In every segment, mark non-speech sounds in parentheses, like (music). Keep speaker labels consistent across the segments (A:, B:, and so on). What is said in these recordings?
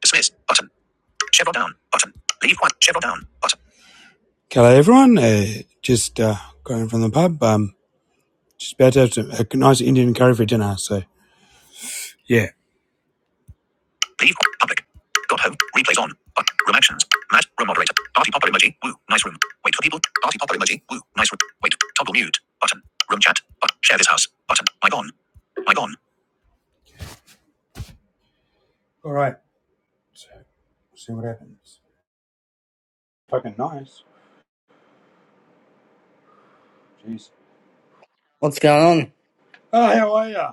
A: Dismiss button. Chevron down button. Leave quiet. Chevron down button. Hello, everyone. Uh, just uh, going from the pub. Um, just about to have some, a nice Indian curry for dinner. So yeah, Leave public. Got home. Replays on. But room actions. Matt. Room moderator. Party popper emoji. Woo. Nice room. Wait for people. Party popper emoji. Woo. Nice room. Wait. Toggle mute. Button. Room chat. But share this house. Button. Mic on. Mic on. all right. So we'll see what happens. Fucking nice. Jeez.
B: What's going on?
A: Oh, how are ya?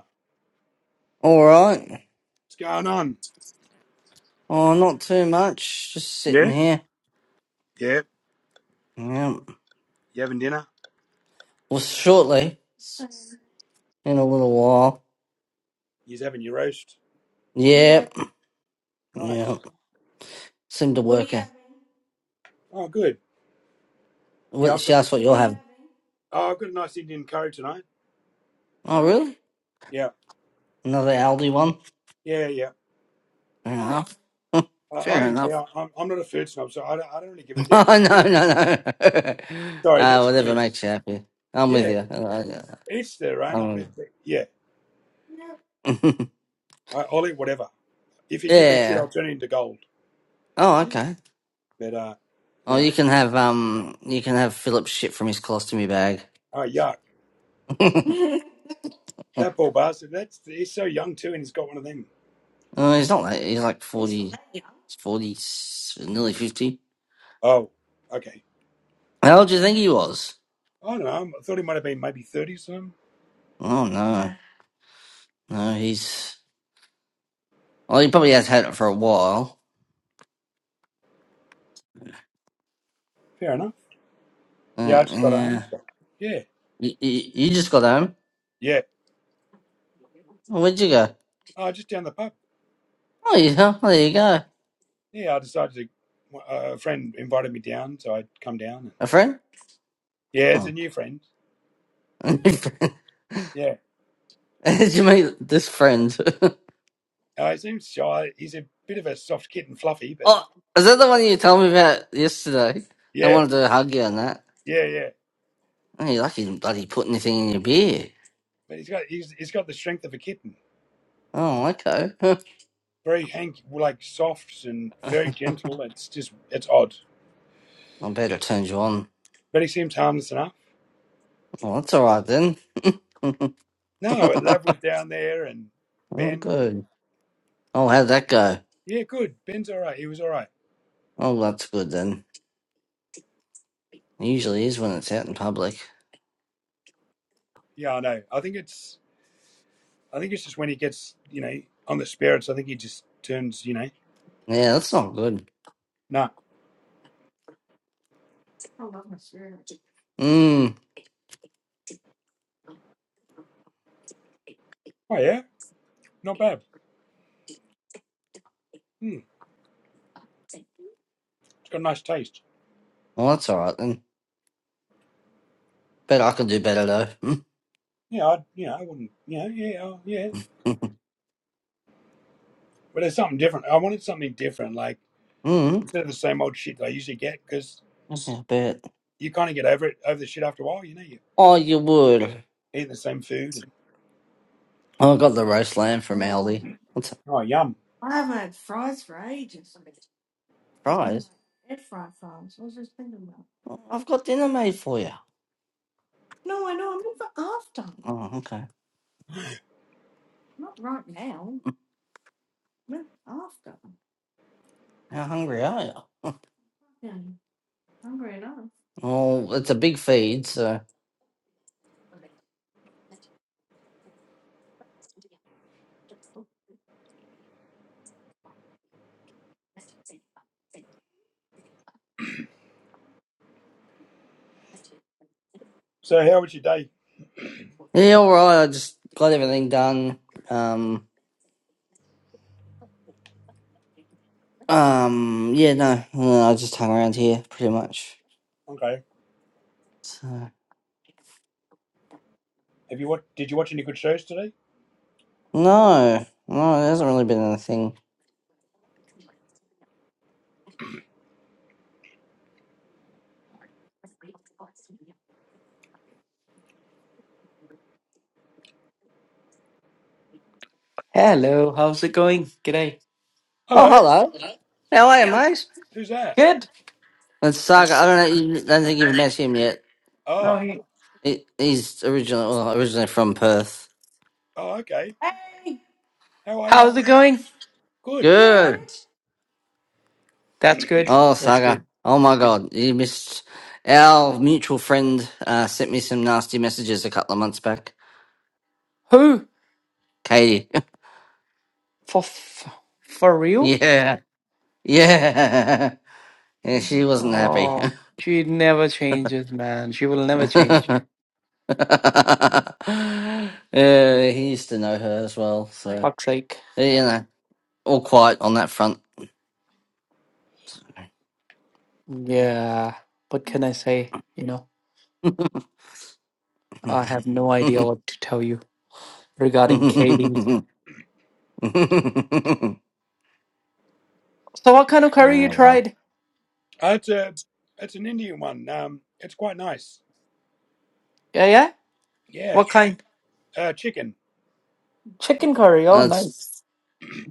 B: All right.
A: What's going on?
B: Oh, not too much. Just sitting
A: Yeah.
B: here.
A: Yeah.
B: Yeah.
A: You having dinner?
B: Well, shortly. Soon. In a little while.
A: He's having your roast.
B: Yep.
A: Nice.
B: Yeah. Seemed to work out.
A: Oh, good. Yeah,
B: What,
A: I've
B: she
A: got.
B: asked what you'll have.
A: Oh, I've got a nice Indian curry tonight.
B: Oh, really?
A: Yeah,
B: Another Aldi one?
A: yeah, yeah.
B: Fair enough. (laughs)
A: I, I
B: Fair
A: don't
B: enough.
A: care.
B: (laughs)
A: I'm, I'm not a food snob, so I don't, I don't really give a
B: Oh,
A: damn what it is.
B: no, no, no. (laughs)
A: Sorry,
B: uh,
A: that's just
B: whatever
A: me.
B: makes you happy. I'm with
A: Yeah,
B: you. Uh, yeah.
A: it's their own. I
B: I'm
A: mean, yeah,
B: with you.
A: I, I'll eat whatever. If
B: (laughs)
A: you give me shit,
B: yeah.
A: I'll turn it into gold.
B: Oh, okay.
A: But uh,
B: Oh,
A: no.
B: you can have um, you can have Philip's shit from his colostomy bag.
A: Oh, yuck.
B: (laughs)
A: That poor bastard. That's he's so young too, and he's got one of them.
B: Uh, he's not that. He's like 40, 40, nearly 50.
A: Oh, okay.
B: How old do you think he was?
A: I don't know. I thought he might have been maybe thirty or something.
B: Oh, no. No, he's. Well, he probably has had it for a while.
A: Fair enough. Yeah, I
B: Uh,
A: just got home.
B: yeah.
A: Yeah,
B: You, you, you just got home?
A: yeah.
B: Oh, where'd you go?
A: Oh, just down the pub.
B: Oh, yeah. Oh, there you go.
A: Yeah, I decided to. Uh, a friend invited me down, so I'd come down. And,
B: A friend?
A: yeah, it's a
B: Oh.
A: new friend.
B: (laughs) Did
A: Yeah,
B: you meet this friend? (laughs)
A: uh, he seems shy. He's a bit of a soft kitten, fluffy, but he,
B: Oh, is that the one you told me about yesterday? I
A: yeah,
B: wanted to hug you on that.
A: yeah, yeah.
B: Oh, you lucky you didn't bloody put anything in your beer.
A: But he's got he's, he's got the strength of a kitten.
B: Oh, okay. (laughs)
A: Very hank, like soft and very gentle. It's just it's odd,
B: I bet it turns you on.
A: but he seems harmless enough.
B: Oh, that's all right then. (laughs)
A: No, Lav was down there and
B: oh,
A: Ben and
B: good. Oh, how'd that go?
A: yeah, good. Ben's all right. He was all right.
B: Oh, that's good then. It usually is when it's out in public.
A: Yeah, I know. I think it's I think it's just when he gets you know on the spirits. I think he just turns you know
B: Yeah, that's not good.
A: No.
B: Mm.
A: Oh yeah, not bad. Hmm. It's got a nice taste.
B: Well, that's all right then. Bet I can do better though.
A: Yeah, I'd you know, I wouldn't you know, yeah, oh, yeah.
B: (laughs)
A: But there's something different. I wanted something different, like
B: mm.
A: instead of the same old shit that I usually get, because
B: That's not bad.
A: you kind of get over it, over the shit after a while. You know, you
B: Oh, you would.
A: eat the same food and
B: Oh, I got the roast lamb from Aldi. What's
A: oh yum.
B: that? fries? Oh, I've got dinner made for you. Oh, okay. We're How hungry are you? Yeah, hungry enough. Oh, it's a big feed, so
A: So how was your day?
B: yeah, all right. I just got everything done. Um, um, yeah, no, no, I just hung around here pretty much.
A: Okay.
B: So
A: Have you what? Did you watch any good shows today?
B: no, no, there hasn't really been anything.
C: Hello, how's it going? G'day.
B: Oh,
A: Hello,
B: hello. How are you, mate?
A: who's that?
C: Good.
B: It's Saga. I don't know. You don't think you've met him yet.
C: No,
A: Oh,
C: he-
B: He, he's originally well, originally from Perth.
A: oh, okay.
B: Hey, you
A: How are ya?
C: how's it going?
A: Good.
B: Good. alright?
C: That's good.
B: Oh,
C: That's good.
B: Saga. Oh my God, you missed. Our mutual friend uh, sent me some nasty messages a couple of months back.
C: Who?
B: Katie.
C: For f- for
B: (laughs)
C: real?
B: yeah. Yeah. Yeah, she wasn't happy.
C: Oh, she never changes, man. She will never
B: (laughs)
C: change.
B: yeah, he used to know her as well, so
C: Fuck's sake.
B: you know, all quiet on that front.
C: Yeah. What can I say? You know, I have no idea what to tell you regarding Katie.
B: (laughs)
C: So, what kind of curry you
B: ah, well.
C: tried?
A: Uh, it's a, it's an Indian one. Um, it's quite nice.
C: Yeah, yeah.
A: Yeah.
C: What kind?
A: Uh, chicken.
C: Chicken curry. Oh,
B: That's
C: nice.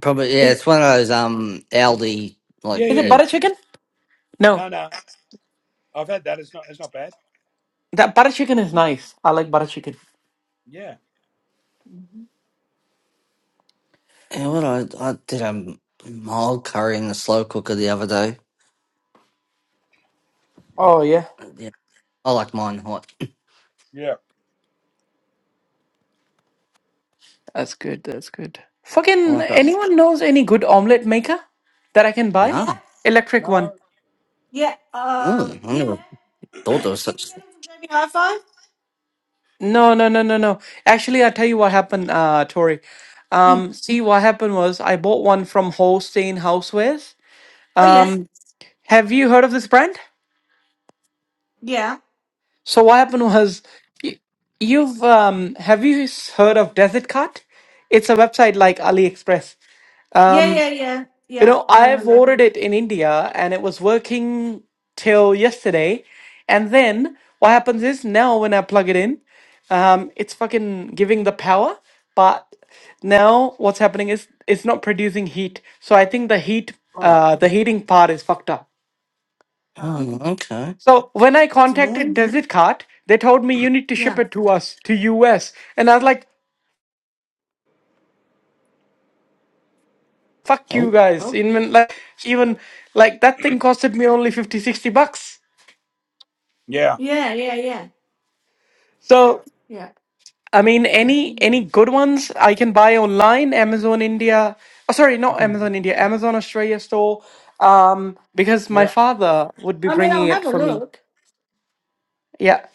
B: probably yeah.
C: Is
B: It's one of those um Aldi like
A: Yeah,
C: is it
A: yeah.
B: you.
C: butter chicken? No,
A: No, no. I've had that. It's not. It's not bad.
C: that butter chicken is nice. I like butter chicken.
A: Yeah.
B: Yeah, what I I did a mild curry in the slow cooker the other day.
C: Oh yeah.
B: Yeah, I like mine hot.
A: Yeah.
C: That's good. That's good.
B: I
C: Fucking
B: like that.
C: anyone knows any good omelet maker that I can buy?
B: No,
C: Electric one.
A: No.
B: Yeah, yeah, mm, um, I yeah. never thought there was Did you such. get it from Hi-Fi?
C: No, no, no, no, no. Actually, I'll tell you what happened, uh, Tori.
B: Mm.
C: Um, see, what happened was I bought one from Holstein Housewares.
B: Oh yes,
C: Have you heard of this brand?
B: yeah,
C: So what happened was y- you've um have you s- heard of Desert Cut? It's a website like AliExpress.
B: yeah,
C: Um,
B: yeah, yeah,
C: You
B: yeah.
C: know,
B: I
C: I've
B: remember.
C: ordered it in India and it was working till yesterday. And then what happens is now when I plug it in, um, it's fucking giving the power. But now what's happening is it's not producing heat. So I think the heat,
A: Oh.
C: uh, the heating part is fucked up.
B: Uh, Oh, okay.
C: So when I
B: that's
C: contacted
B: annoying.
C: Desert Cart, they told me you need to ship
B: Yeah.
C: it to us to US, and I was like, "Fuck you
B: Oh,
C: guys!"
B: Oh.
C: Even like even like that thing costed me only 50, 60 bucks.
A: Yeah.
B: Yeah, yeah, yeah,
C: So
B: yeah.
C: I mean, any any good ones I can buy online, Amazon India. Oh, sorry, not
B: mm,
C: Amazon India, Amazon Australia store. Um, because my
A: Yeah.
C: father would be
B: I mean,
C: bringing
B: I'll
C: it
B: have a
C: for me.
B: look.
C: Yeah,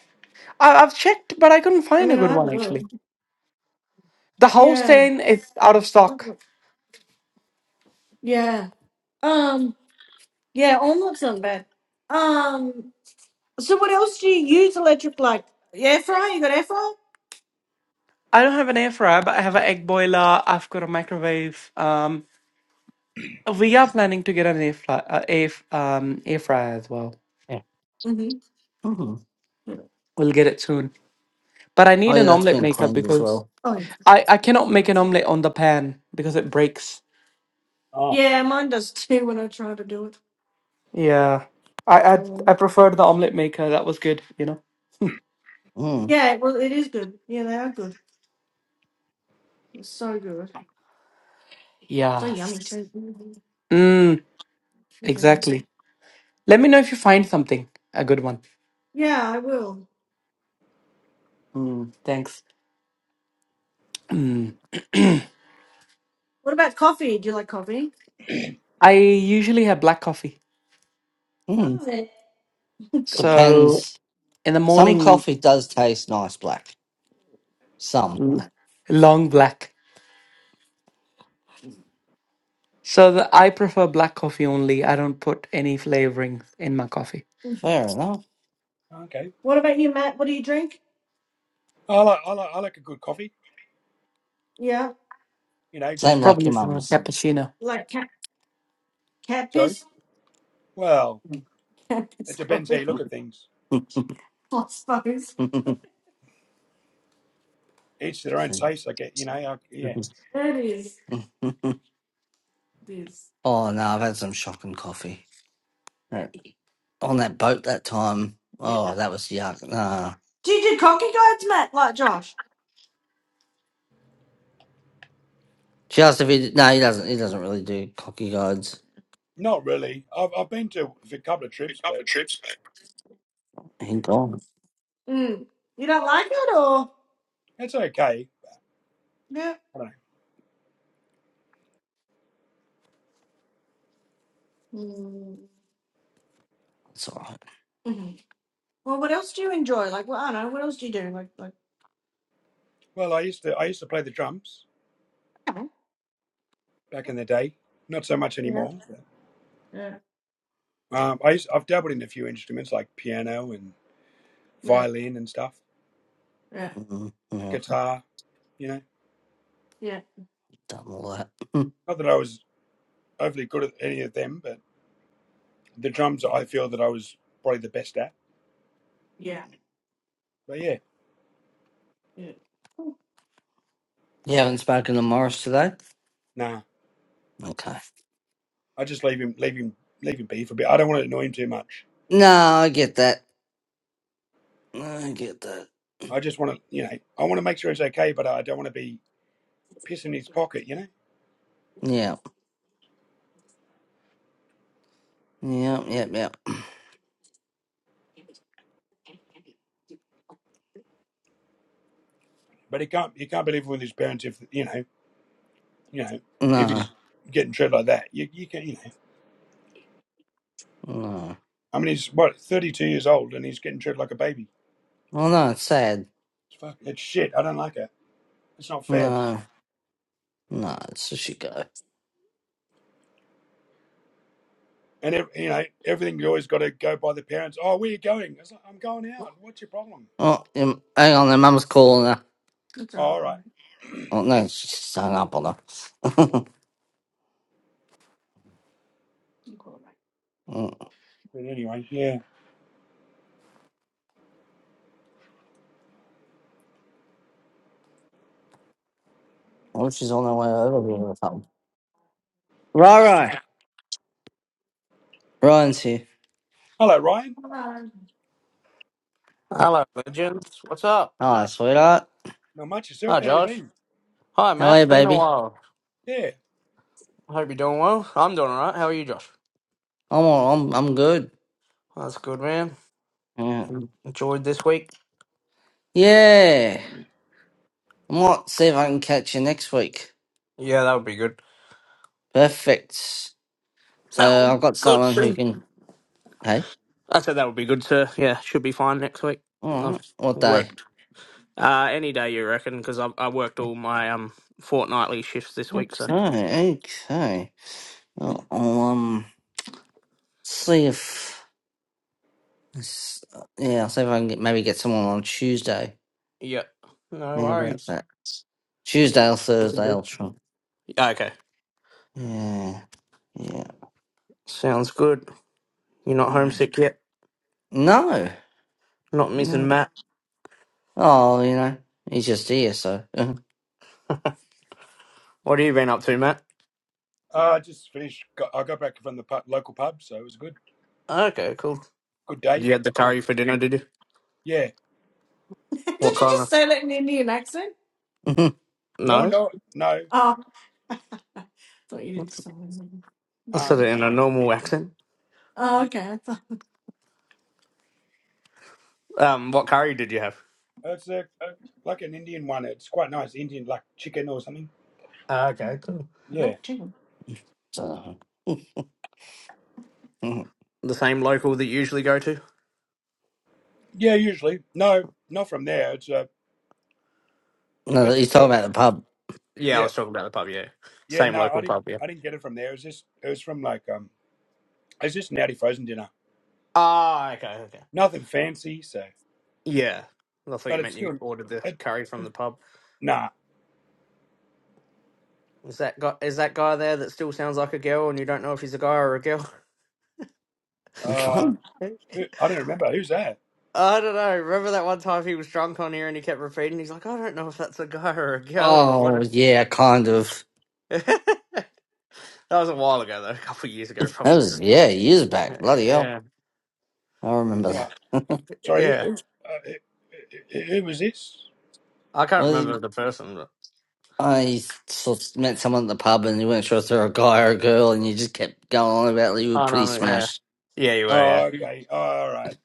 C: I, I've checked, but I couldn't
B: I
C: find a
B: mean, I'll
C: good
B: have a
C: one
B: look.
C: actually. The
B: Yeah.
C: Holstein is out of stock.
B: Mhm. Yeah. Um. Yeah. Almost not bad. Um. So what else do you use electric light? Air fryer? You got air fryer?
C: I don't have an air fryer, but I have an egg boiler. I've got a microwave. Um, we are planning to get an air fryer, uh, air f- um, air fryer as well.
B: Yeah. Mm-hmm. hmm Yeah.
C: We'll get it soon. But I
B: Oh,
C: need
B: yeah,
C: an
B: that's
C: omelet
B: been
C: maker
B: cleaned as
C: because
B: well. Oh,
C: I I cannot
B: forgot
C: make
B: about
C: an
B: that.
C: omelette on the pan because it breaks.
A: Oh.
B: Yeah, mine does too when I try to do it.
C: Yeah. I I I
B: Mm.
C: preferred the omelette maker. That was good, you know.
B: Mm. Yeah, well, it is good. Yeah, they are good. It's so good. So
C: Yeah.
B: yummy too. Mhm.
C: Mm,
B: Who's in?
C: exactly. Let me know if you find something a good one.
B: Yeah, I will.
C: Mm, thanks. Mm.
B: What about coffee? Do you like coffee?
C: I usually have black coffee.
B: Mm. Oh, (laughs) God.
C: So
B: Depends.
C: in the
B: Some
C: morning
B: coffee does taste nice black. Some.
C: l- long black. So the, I prefer black coffee only. I don't put any flavorings in my coffee.
B: Fair enough.
A: Okay.
B: What about you, Matt? What do you drink?
A: I like. I like. I like a good coffee.
B: Yeah,
A: You know,
B: Same
A: just.
B: like
A: You
C: Probably
B: your
A: know,
C: for a
B: mum's.
C: cappuccino.
B: like cat, cat
A: sorry.
B: piss?
A: Well,
B: Cat
A: it
B: piss
A: depends how
B: coffee,
A: you look
B: (laughs)
A: at things.
B: I suppose. (laughs)
A: Each to their own taste. I get. You know. I, yeah.
B: That is. It is. oh no, I've had some shocking coffee. Uh, On that boat that time. Yeah. Oh, that was yuck. Nah. Do you do cocky guides, Matt, like Josh? She asked if he no, he doesn't he doesn't really do cocky guides.
A: Not really. I've I've been to a couple of trips, but
B: He gone. Mm. You don't like it, or?
A: it's okay.
B: Yeah.
A: I don't know.
B: Mm. That's all right. hmm Well, what else do you enjoy? Like, well, I don't know. What else do you do? Like, like,
A: Well, I used to. I used to play the drums
B: yeah,
A: back in the day. Not so much
B: yeah,
A: anymore.
B: yeah,
A: but, um, I used, I've dabbled in a few instruments like piano and violin and stuff,
B: yeah, Mm, yeah,
A: guitar. You know,
B: yeah, done all that. Mm.
A: not that I was overly good at any of them, but the drums I feel that I was probably the best at.
B: yeah,
A: But yeah,
B: yeah. You haven't spoken to Morris today?
A: nah,
B: Okay.
A: I just leave him, leave him, leave him be for a bit. I don't want to annoy him too much.
B: No, I get that. I get that.
A: I just want to, you know, I want to make sure he's okay, but I don't want to be pissing his pocket, you know.
B: Yeah. Yep, yep, yep.
A: But he can't, he can't be living with his parents if you know, you know, if
B: No,
A: he's getting treated like that. You, you can, you know.
B: no.
A: I mean, he's what thirty-two years old and he's getting treated like a baby.
B: Well, no, it's sad.
A: It's fuck, it's shit. I don't like it. It's not fair.
B: No, no, it's just you go.
A: And ev- you know, everything you always got to go by the parents. Oh, where you going? It's like, I'm going out. What's your problem?
B: Oh, um, hang on, their mum's calling her. That's
A: All
B: awful.
A: right.
B: Oh, no, she's just hung up on her. (laughs) Mm,
A: But anyway, yeah.
B: Oh, she's on her way over. will be able to help. here.
A: Hello, Ryan.
D: Hello, legends. What's up?
B: Hi, sweetheart,
A: Not much yourself.
D: Hi,
A: How you
D: Josh.
A: been?
D: Hi,
B: how
D: Matt.
B: are
D: It's
B: you,
D: been a
B: baby?
D: while.
A: Yeah.
D: I hope you're doing well. I'm doing alright. How are you, Josh?
B: I'm all, I'm I'm good.
D: Oh, That's good, man.
B: Yeah,
D: Enjoyed this week?
B: yeah. I might see if I can catch you next week.
D: Yeah, that would be good.
B: Perfect.
D: That would
B: So I've
D: be
B: got
D: good,
B: someone who
D: sir.
B: can. Hey,
D: I said that would be good, sir. Yeah, should be fine next week.
B: all
D: I've
B: right. What day?
D: worked uh, any day, you reckon, because I, I worked all my um fortnightly shifts this week, so.
B: Okay, okay. Well, I'll um see if. s- Yeah, I'll see if I can get, maybe get someone on Tuesday.
D: Yep. No
B: Think about
D: worries.
B: that. Tuesday or
D: You can
B: Thursday,
D: do.
B: I'll try.
D: Okay.
B: Yeah. Yeah.
D: Sounds good. You're not
B: Mm.
D: homesick yet?
B: No.
D: Not missing
B: No.
D: Matt?
B: Oh, you know, he's just here, so. (laughs) (laughs) Did
D: What have you been up to, Matt?
A: Uh,
B: you
A: just finished. Got, I got back from the pub, local pub, so it was a good,
D: Okay, cool.
A: good day.
D: Do you have the curry for dinner, did you?
A: Yeah.
D: What kind
B: just
D: of.
B: say that in an Indian accent? Oh,
A: No,
D: No?
A: no, no.
B: (laughs) I thought you did
D: I
B: something. It's
D: said
A: Um,
D: it
B: weird.
D: in a normal accent.
B: Oh, okay. I thought
D: Um, What curry did you have?
A: it's a, like an Indian one. It's quite nice. Indian, like chicken or something.
D: Ah, okay, cool.
B: (laughs) black
A: Yeah.
B: chicken. so. (laughs) mm.
D: The same local that you usually go to?
A: Yeah. Usually, no, not from there. It's uh,
B: No,
A: it's
B: he's
A: just a,
B: talking about the pub.
D: Yeah, I
A: yeah,
D: was talking about the pub, yeah.
A: yeah.
D: Same
A: No, I
D: local
A: didn't,
D: pub, yeah.
A: I didn't get it from there. It was just, it was from like um, it's just an Audi frozen dinner.
D: Ah, okay, okay.
A: Nothing fancy, so,
D: Yeah. I thought
A: but
D: you
A: it's
D: meant you
A: still,
D: ordered the
A: it,
D: curry from the pub.
A: nah.
D: Is that guy? Is that guy there that still sounds like a girl, and you don't know if he's a guy or a girl?
B: Which
A: uh,
B: one?
D: (laughs)
A: Who-
D: I
A: I don't remember. Who's that?
D: don't know. Remember that one time he was drunk on here and he kept repeating, "He's like, I don't know if that's a guy or a girl
B: Oh,
D: or
B: yeah, kind of.
D: what." (laughs) That was a while ago, though, a couple of years ago,
B: That
D: probably.
B: was, yeah, years back. Bloody hell.
D: Yeah,
B: I remember
A: Yeah.
B: that.
A: Sorry, who,
D: yeah.
A: who, uh, who, who was this?
D: I can't
B: Well,
D: remember the person. But...
B: I sort of met someone at the pub and you weren't sure if they were a guy or a girl and you just kept going on about you were
D: Oh no,
B: pretty
D: no, yeah,
B: smashed.
D: yeah, you were. Yeah,
A: Oh, okay. Oh, all right.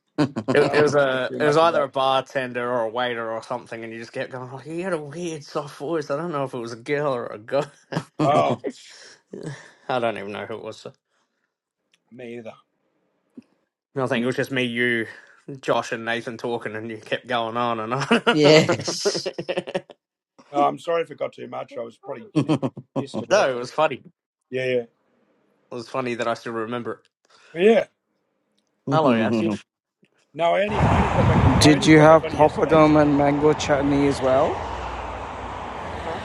A: Yeah,
D: it,
A: I
D: it
A: don't
D: was
A: remember
D: a,
A: too
D: it was
A: much
D: either
A: about.
D: a bartender or a waiter or something, and you just kept going. Like, he had a weird soft voice. I don't know if it was a girl or a guy. (laughs)
A: Oh,
B: (laughs)
D: I don't even know who it was.
A: me either.
D: No, I think it was just me, you, Josh, and Nathan talking, and you kept going on and on. (laughs)
B: yes.
A: Oh, I'm sorry if it got too much. I was probably,
B: (laughs)
A: you know,
B: Want
A: pissed or
D: no, it
A: whatever.
D: was funny.
A: Yeah, yeah.
D: It was funny that I still remember it.
A: But yeah.
D: Hello, Absy.
A: No, I only, I only got back. I
E: Did
A: only
E: you
A: got back
E: have
A: on it yesterday. So.
E: poppadom and mango chutney as well?
A: Huh?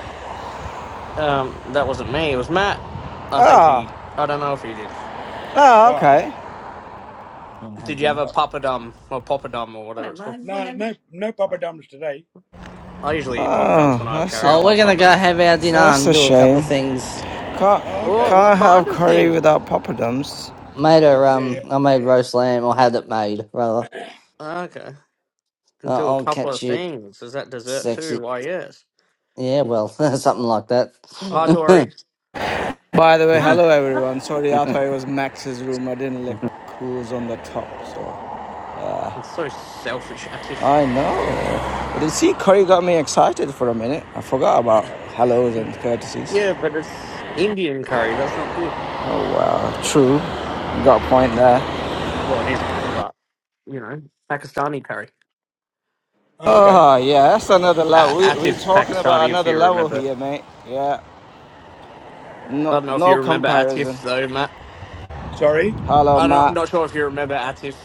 D: Um, that wasn't me. It was Matt. I think he.
E: Ah,
D: I don't know if he did.
E: ah,
A: Why?
E: okay.
B: to have
D: Did you have
B: dinner?
D: a
A: Uh,
D: papadum or poppadom or
B: I
D: whatever
B: don't
D: it's called?
B: mind,
A: no,
B: whenever.
A: no, no Papa Dums today.
D: I usually eat poppadoms
E: Oh,
D: when I have
E: that's
D: curry.
E: a,
D: I
B: Oh, we're
D: love
B: gonna go
D: poppadom.
B: have our dinner
E: that's a
B: and do a couple
E: shame.
B: of things.
E: Can't
A: Oh,
D: Oh,
A: okay.
D: what
E: can't have
D: kind of
E: curry
D: things?
E: without poppadoms.
B: Made her,
A: Yeah,
B: um, I made roast lamb, or had it made, rather.
D: Okay, can
B: Uh,
D: do a
B: I'll
D: couple
B: catch
D: of
B: you,
D: things. Is that dessert too?
B: sexy.
D: Why yes.
B: Yeah, well, (laughs) something like that.
A: yeah.
D: Hi
A: uh
D: Tori.
B: (laughs)
E: By the way,
B: Bye,
E: hello everyone. Sorry, I
B: bye.
E: thought it
B: (laughs)
E: was Max's room. I didn't look who's on the top. So
D: That's so selfish, Atif.
E: I know. But you see, curry got me excited for a minute. I forgot about hellos and courtesies.
D: Yeah, but it's Indian curry. That's not good.
E: Oh wow, true. You got a point there.
D: Well, it is good, but you know, Pakistani curry.
A: Oh, okay.
E: Oh yeah, that's another
D: Uh,
E: level. We we
D: Atif's
E: talking about
D: Pakistani, if
E: another
D: you
E: level
D: remember.
E: here, mate. Yeah,
D: I
E: no
D: don't know if you
E: no
D: remember
E: comparison.
D: Atif though, Matt.
A: Sorry.
E: Hello,
D: I don't, I'm
E: Matt.
D: not sure if you remember Atif.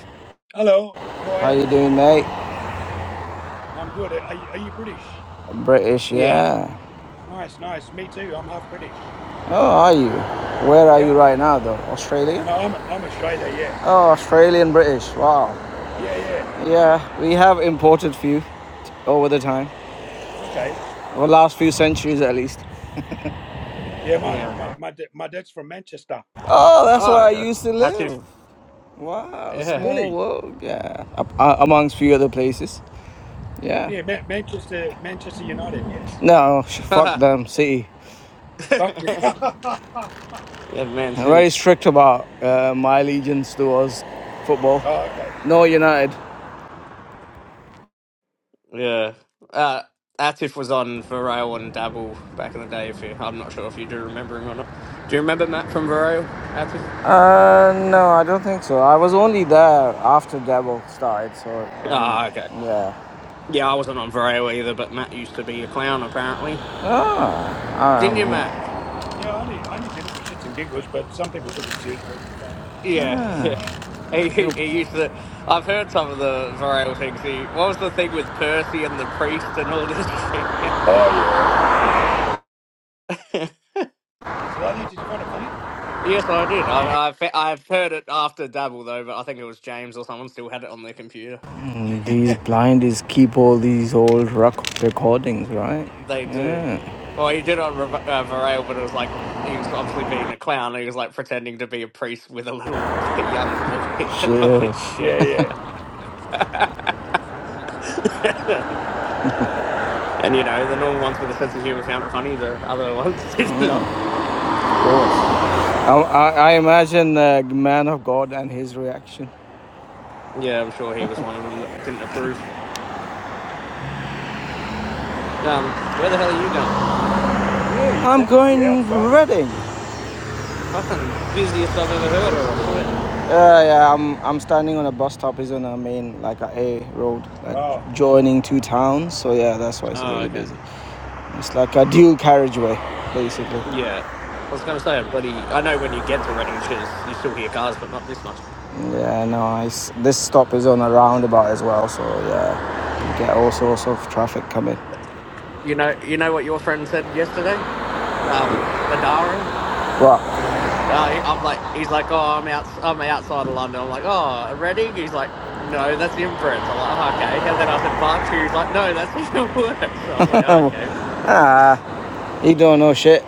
A: Hello. How are
E: How
A: you?
E: you doing, mate?
A: I'm good. Are you, are you British?
E: British,
D: Yeah.
E: yeah.
A: Nice, nice. Me too. I'm half British.
E: Oh, are you? Where are you
A: Yeah.
E: right now, though? Australia?
A: No, I'm I'm Australia. Yeah.
E: Oh, Australian British. Wow.
A: Yeah. Yeah.
E: Yeah, we have imported few over the time,
A: Okay.
E: over the last few centuries at least.
A: Yeah. My
D: Yeah.
A: my my da- my dad's from Manchester.
E: Oh, that's
D: Oh,
E: where I
D: okay.
E: used to
D: Atif.
E: live. Wow,
D: Yeah.
E: small
A: Really?
E: world. Yeah, Up, uh, amongst few other places. Yeah.
A: Yeah. Man- Manchester Manchester United. Yes.
E: No, sh-
D: (laughs)
E: fuck
D: yeah,
E: them. City.
A: Fuck. (laughs)
D: Man
E: I'm very
D: City.
E: strict about uh, my allegiance towards football.
A: oh, okay.
E: No United.
D: Yeah. Uh, Atif was on Viral and Dabble back in the day. If you, I'm not sure if you do remember him or not. Do you remember Matt from Viral? Atif?
E: Uh, no, I don't think so. I was only there after Devil started, so um,
D: Ah, okay.
E: yeah.
D: Yeah, I wasn't on Viral either, but Matt used to be a clown apparently.
E: Ah,
D: Didn't you,
E: um,
D: Matt?
A: Yeah. I only I only did it for shits and giggles, but some people took it seriously and stuff.
D: Yeah, yeah. (laughs) He,
E: you
D: he, used to. I've heard some of the viral things. He, what was the thing with Percy and the priest and all this (laughs) shit?
A: Oh yeah.
D: (laughs)
A: Did you like that? Did you find it funny?
D: yes, I did. I, I, fe- I've heard it after Dabble though, but I think it was James or someone still had it on their computer.
E: know,
A: (laughs)
E: these
A: yeah.
E: blindies keep all these old rec- recordings, right?
D: They do. Well, he did on Rev- uh, Varel, but it was like he was obviously being a clown. He was like pretending to be a priest with a little (laughs) young boy (laughs)
E: Shit.
D: and all this
E: Of
D: shit.
A: Yeah.
D: (laughs) and you know, the normal ones with a sense of humor found it funny. The other ones (laughs) did not.
E: course. I, I, I imagine the uh, Man of God and his reaction.
D: Yeah, I'm sure he was one of them that didn't approve. Um, where the hell are you going?
A: Yeah. You
E: I'm
A: send you're
E: going
A: outside.
E: Reading.
A: To-
D: Fucking busiest I've ever heard of, I swear.
E: Yeah, yeah. I'm I'm standing on a bus stop. Is on a main like a A road, like
A: Oh.
E: joining two towns. So yeah, that's why it's
D: Oh,
E: really
D: okay.
E: busy. It's like a dual carriageway, basically.
D: Yeah. I was gonna say, buddy, I know when you get to Reading and shit, it's- you still hear cars, but not this much.
E: Yeah, no. It's, this stop is on a roundabout as well. So yeah, you get all sorts of traffic coming.
D: You know, you know what your friend said yesterday? Um, Adara?
E: But
D: Uh, he- I'm like, he's like, oh, I'm out, I'm outside of London. I'm like, oh, Reading? He's like, no, that's inbreds. I'm like, oh, okay. And then I said Berkshire. He's like, no, that's (laughs) even worse. So I was like, oh, okay.
E: ah, he don't know shit.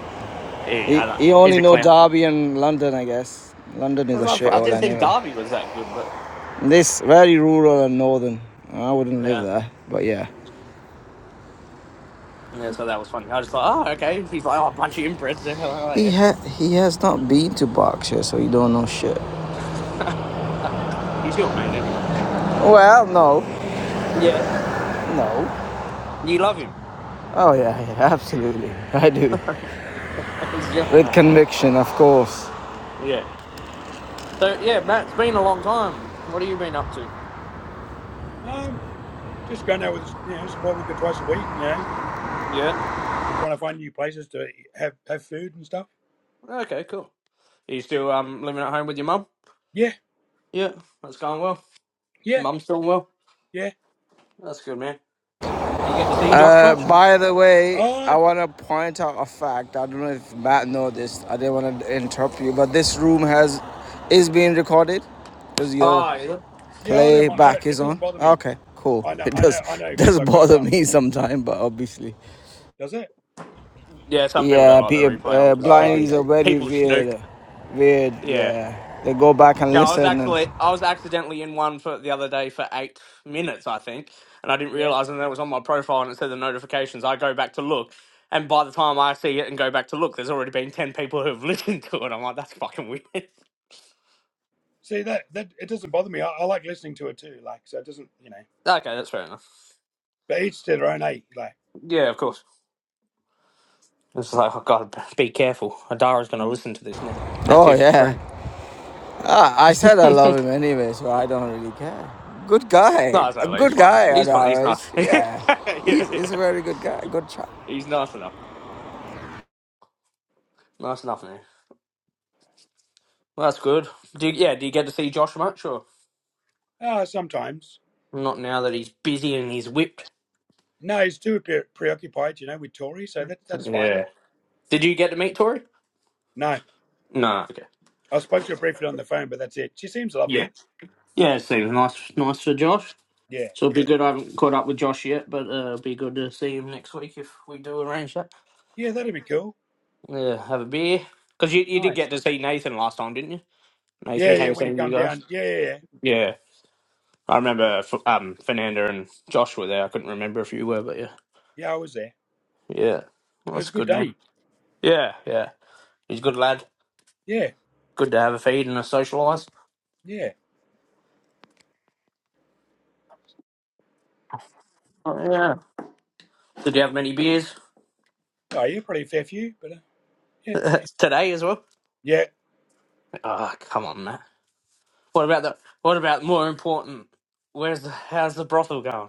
D: He,
E: He
D: I don't,
E: he
D: he's
E: only
D: a
E: know
D: clown.
E: Derby and London, I guess. London
D: It
E: is a
D: was all fun. I
E: shithole
D: didn't think
E: anyway.
D: Darby was that good, but
E: This very rural and northern. I wouldn't live
D: yeah.
E: there, but yeah.
D: Yeah, so that was funny. I just thought, oh, okay. He's like, oh, a bunch of inbreds there. (laughs)
E: He ha- he has not been to Berkshire, so he don't know shit.
D: oh, yeah. (laughs) He's your mate, anyway.
E: Well, no,
D: Yes.
E: no.
D: You love him.
E: Oh yeah, yeah, (laughs) absolutely, I do.
D: (laughs) He's your
E: With
D: mate.
E: conviction, of course.
D: Yeah. So, yeah, Matt, it's been a long time. What have you been up to?
A: Um. Just going out with you know support worker twice a week. You know,
D: Yeah.
A: trying to find new places to have have food and stuff.
D: Okay, cool. Are you still um, living at home with your mum?
A: Yeah.
D: Yeah, that's going well.
A: Yeah.
D: Mum's doing well.
A: Yeah.
D: That's good, man. Do you get to
A: What
D: see Josh
E: Uh,
D: much?
E: by the way,
A: Uh,
E: I want to point out a fact. I don't know if Matt noticed. I didn't want to interrupt you, but this room has is being recorded because your
D: Oh, yeah.
A: yeah, I don't mind. I don't,
E: playback
A: it
E: is on.
A: doesn't bother me.
E: Okay, cool.
A: I
E: (laughs)
A: know,
E: It
A: I know,
E: does
A: I know,
E: does
A: because i got to
E: bother
A: run.
E: me sometimes, but obviously
A: Does it?
D: Yeah, some people don't
E: Yeah,
D: like the
E: Peter
D: replay on
E: uh,
D: because
A: Oh,
E: Blindies
D: people
E: are
A: okay.
E: very
D: people snoop.
E: weird. Weird,
D: Yeah.
E: yeah. They go back and
D: Yeah, I was
E: listen and.
D: actually I was accidentally in one for the other day for eight minutes, I think, and I didn't
A: Yeah.
D: realize, and then it was on my profile and it said the notifications. I go back to look, and by the time I see it and go back to look, there's already been ten people who have (laughs) listened to it. I'm like, that's fucking weird. (laughs) okay,
A: See that that it doesn't bother me. I, I like listening to it too. Like, so it doesn't, you know.
D: that's fair enough.
A: But each to their own. Eh? Like,
D: Yeah, of course. It's like I gotta be careful. Adara's gonna listen to this now.
E: Oh,
D: Atif's
E: yeah.
D: friend.
E: Ah, I
D: (laughs)
E: said
D: no,
E: I love him anyway, so I don't really care. Good guy.
D: it's
E: A
D: not. He's
E: good
D: fine.
E: guy,
D: He's fine. He's
E: Adara
D: nice.
E: is.
D: (laughs) yeah,
E: Yeah.
D: yeah.
E: He's, he's a very good guy. Good chap.
D: He's nice enough. Nice enough, man. Well, that's good. Do you, yeah? Do you get to see Josh much or?
A: ah, sometimes.
D: Not now that he's busy and he's whipped.
A: No, he's too pre- preoccupied, you know, with Tori. So that that's fine.
D: Yeah. Did you get to meet Tori?
A: No,
D: No. Okay.
A: I spoke to her briefly on the phone, but that's it. She seems
D: Yeah.
A: lovely.
D: Yeah, it seems nice, nice for Josh.
A: Yeah.
D: So it'd Yeah. be Yeah. good. I haven't caught up with Josh yet, but uh, it will be good to see him next week if we do arrange that.
A: Yeah, that'd be cool.
D: Yeah, have a beer. Because you, you did
A: Nice.
D: get to see Nathan last time, didn't you?
A: Yeah,
D: Nathan
A: yeah.
D: came
A: When you
D: seeing you
A: come
D: guys.
A: down. Yeah, yeah, yeah.
D: Yeah, I remember. F- Um, Fernanda and Josh were there. I couldn't remember if you were, but yeah,
A: Yeah, I was there.
D: yeah. Well,
A: It was
D: that's
A: a good
D: good, man.
A: day.
D: Yeah, yeah. He's a good lad.
A: Yeah,
D: Good to have a feed and a socialise.
A: yeah.
D: Oh, yeah. Did you have many beers?
A: Oh, yeah, probably a fair few, but uh, yeah.
D: (laughs) Today as well.
A: Yeah,
D: Oh, come on, Matt. What about the? What about more important? Where's the? How's the brothel going?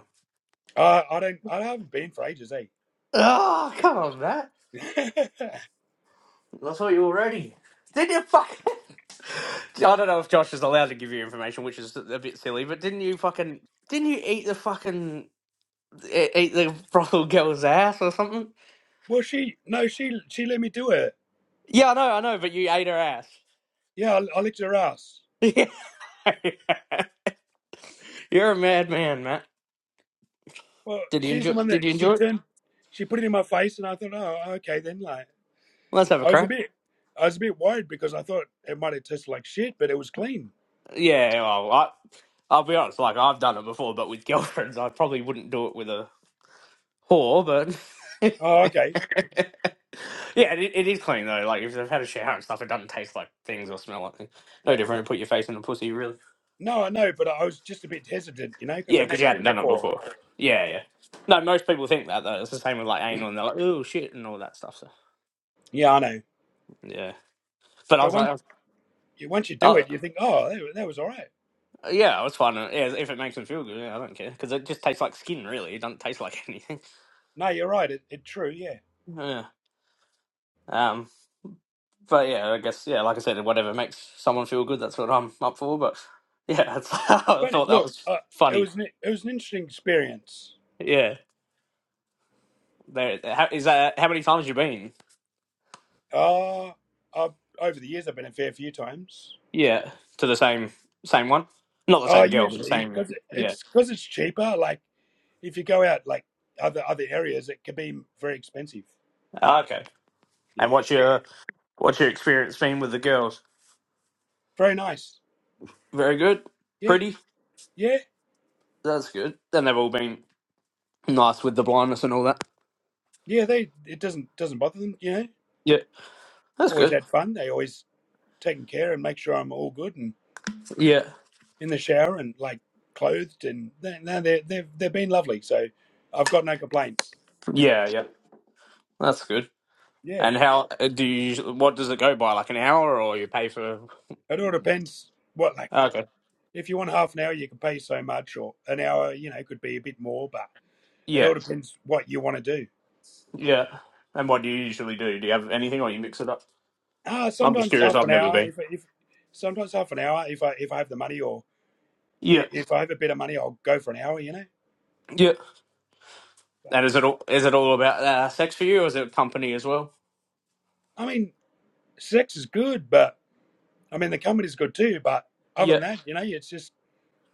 A: Uh, I don't. I haven't been for ages,
D: Oh, come on, Matt.
A: eh? (laughs)
D: I thought you were ready. Did you fucking? (laughs) I don't know if Josh is allowed to give you information, which is a bit silly. But didn't you fucking? Didn't you eat the fucking? e- Eat the brothel girl's ass or something?
A: well, she no, she she let me do it.
D: Yeah, I know, I know. But you ate her ass.
A: Yeah, I, I licked her ass.
D: (laughs) You're a madman, Matt.
A: Well,
D: Did you
A: she's the
D: enjoy?
A: one that
D: Did you
A: she
D: enjoy it?
A: turned. She put it in my face, and I thought, oh, okay, then. Like,
D: Let's have a
A: I was
D: crack.
A: a bit, I was a bit worried because I thought it might have tasted like shit, but it was clean.
D: Yeah, well, I, I'll be honest. Like I've done it before, but with (laughs) girlfriends, I probably wouldn't do it with a whore. But (laughs)
A: Oh, okay.
D: yeah, it, it is clean though. Like if they've had a shower and stuff, it doesn't taste like things or smell like things. No different. to Put your face in a pussy, really.
A: No, I know, but I was just a bit hesitant, you know, because I
D: Yeah, because
A: never
D: you
A: did
D: hadn't
A: it
D: done it
A: before.
D: before. Yeah, yeah. No, most people think that though. It's the same with like anal, and they're like, "Oh shit," and all that stuff. So
A: Yeah, I know.
D: yeah, but I
A: But
D: was like,
A: once
D: I
A: you once you do
D: was,
A: it, you think, oh, that, that was all right.
D: oh, yeah, it's fine. uh, Yeah, if it makes them feel good, yeah, I don't care because it just tastes like skin. Really, it doesn't taste like (laughs) anything.
A: No, you're right. It, it true, yeah.
D: Yeah. Um. but yeah, I guess yeah, like I said, whatever makes someone feel good, that's what I'm up for. But yeah, that's, (laughs) I
A: But
D: thought that
A: look,
D: was
A: uh, it
D: funny.
A: was an, it was an interesting experience
D: Yeah, there. How, is that how many times you been?
A: Uh, I've, over the years, I've been a fair few times.
D: Yeah, to the same same one, not the
A: Uh,
D: same girl, but the
A: usually
D: same.
A: because
D: Yeah.
A: it's because it's cheaper. Like if you go out like other other areas, it can be very expensive.
D: Ah, Okay.
A: Yeah,
D: And what's your what's your experience been with the girls?
A: very nice.
D: Very good,
A: Yeah,
D: pretty.
A: yeah,
D: That's good. Then they've all been nice with the blindness and all that.
A: yeah. They it doesn't doesn't bother them. You know,
D: Yeah, that's
A: always
D: good.
A: had fun. They always taking care and make sure I'm all good and
D: Yeah,
A: in the shower and like clothed and they, no, they they've they've been lovely. So I've got no complaints.
D: yeah, yeah. That's good.
A: Yeah,
D: And how uh, do you? What does it go by? Like an hour, or you pay for?
A: it all depends what like.
D: Okay.
A: If you want half an hour, you can pay so much, or an hour, you know, could be a bit more, but it
D: Yeah.
A: all depends what you want to do.
D: Yeah. And what do you usually do? Do you have anything, or you mix it up?
A: Ah, uh,
D: I'm just
A: sometimes
D: curious.
A: half
D: I've
A: an
D: never
A: hour.
D: been.
A: If if sometimes half an hour, if I if I have the money, or
D: Yeah.
A: if I have a bit of money, I'll go for an hour. You know,
D: Yeah.
A: but,
D: And
A: yeah.
D: is it all? Is it all about uh, sex for you, or is it company as well?
A: I mean, sex is good, but I mean the company's good too. But other
D: Yeah.
A: than that, you know, it's just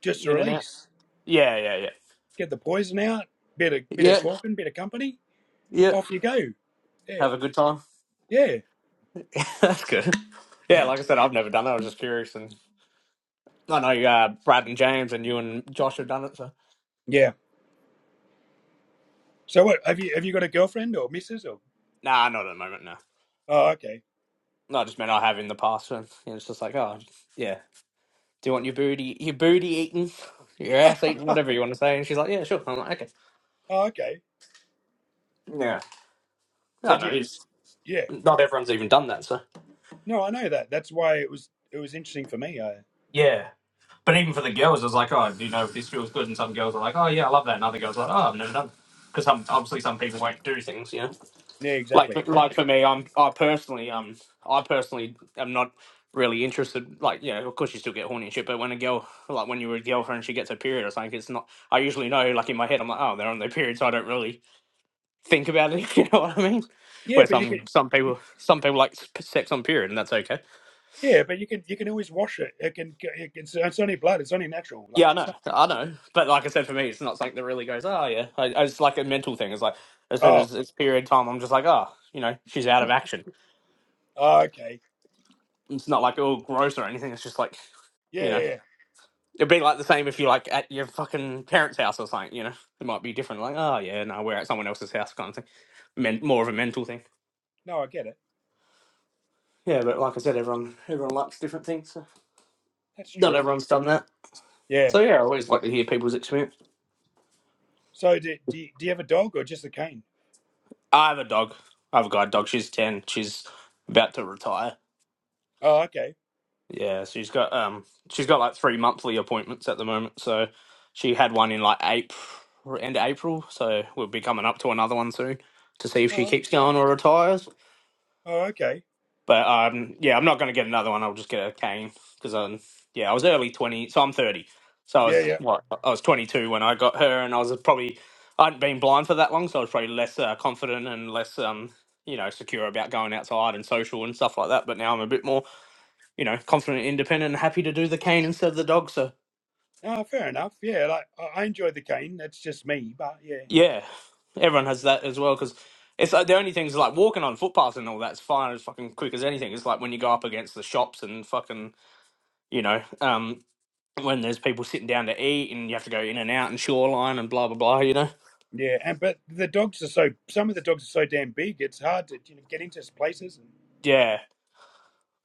A: just a
D: In and out.
A: release.
D: Yeah. Yeah. Yeah.
A: Get the poison out. Bit of bit of
D: Yeah.
A: talking, bit of company.
D: Yeah.
A: Off you go. Yeah,
D: Have a good time.
A: yeah,
D: (laughs) That's good. Yeah. Like I said, I've never done that. I was just curious, and I know uh, Brad and James and you and Josh have done it. So
A: yeah. So what have you have you got a girlfriend or missus or?
D: nah, not at the moment. No.
A: Oh, okay.
D: No, I just meant I have in the past, and it's just like, oh, yeah. Do you want your booty, your booty eaten, your
A: (laughs)
D: ass eaten, whatever you want to say?" And she's like, "Yeah, sure." I'm like, "Okay."
A: Oh, okay.
D: Yeah.
A: So
D: No,
A: do
D: no,
A: you,
D: it's
A: yeah.
D: not everyone's even done that. So
A: No, I know that. That's why it was it was interesting for me. I,
D: yeah, but even for the girls, it was like, "Oh, do you know if this feels good?" And some girls are like, "Oh yeah, I love that," and other girls are like, "Oh, I've never done." Because some obviously some people won't do things, you know.
A: yeah,
D: Like
A: exactly.
D: like for me, I'm I personally um I personally am not really interested. Like yeah, of course you still get horny and shit, but when a girl like when you were a girlfriend, she gets her period or something, it's not. I usually know like in my head, I'm like, oh, they're on their period, so I don't really think about it. (laughs) You know what I mean?
A: Yeah,
D: Where
A: but you can
D: some some people some people like s- sex on period, and that's okay.
A: yeah, but you can you can always wash it. It can it can, it's, it's only blood. It's only natural. Like
D: Yeah, I
A: it's
D: know,
A: not.
D: I know. But like I said, for me, it's not something that really goes. Oh yeah, I, I- it's like a mental thing. It's like as soon
A: Oh,
D: as it's period time, I'm just like, oh, you know, she's out of action.
A: oh okay.
D: It's not like oh gross or anything. It's just like
A: Yeah,
D: you
A: yeah.
D: know,
A: yeah.
D: it'd be like the same if you like at your fucking parents' house or something. You know, it might be different. Like oh yeah, no, we're at someone else's house kind of thing. Men- more of a mental thing.
A: No, I get it.
D: Yeah, but like I said, everyone everyone likes different things. So.
A: That's
D: Not
A: true.
D: everyone's done that.
A: Yeah.
D: So yeah, I always like to hear people's experience.
A: So do do you, do you have a dog or just a cane?
D: I have a dog. I have a guide dog. She's ten. She's about to retire.
A: Oh, okay.
D: Yeah, she's got um she's got like three monthly appointments at the moment. So she had one in like April end of April. So we'll be coming up to another one soon to see if she
A: Oh,
D: keeps going or retires.
A: oh okay.
D: But um, yeah, I'm not going to get another one. I'll just get a cane because um, yeah, I was early twenty, so I'm thirty. So I
A: Yeah,
D: was
A: yeah.
D: what I was 22 when I got her, and I was probably I hadn't been blind for that long, so I was probably less uh, confident and less um, you know, secure about going outside and social and stuff like that. But now I'm a bit more, you know, confident, independent, and happy to do the cane instead of the dog. So
A: Oh, fair enough. Yeah, like I I enjoy the cane. That's just me, but yeah.
D: yeah, everyone has that as well because. It's like the only things like walking on footpaths and all that's fine as fucking quick as anything. It's like when you go up against the shops and fucking you know, um. when there's people sitting down to eat and you have to go in and out and shoreline and blah blah blah, you know?
A: Yeah, and but the dogs are so. Some of the dogs are so damn big. It's hard to you know, get into places.
D: Yeah.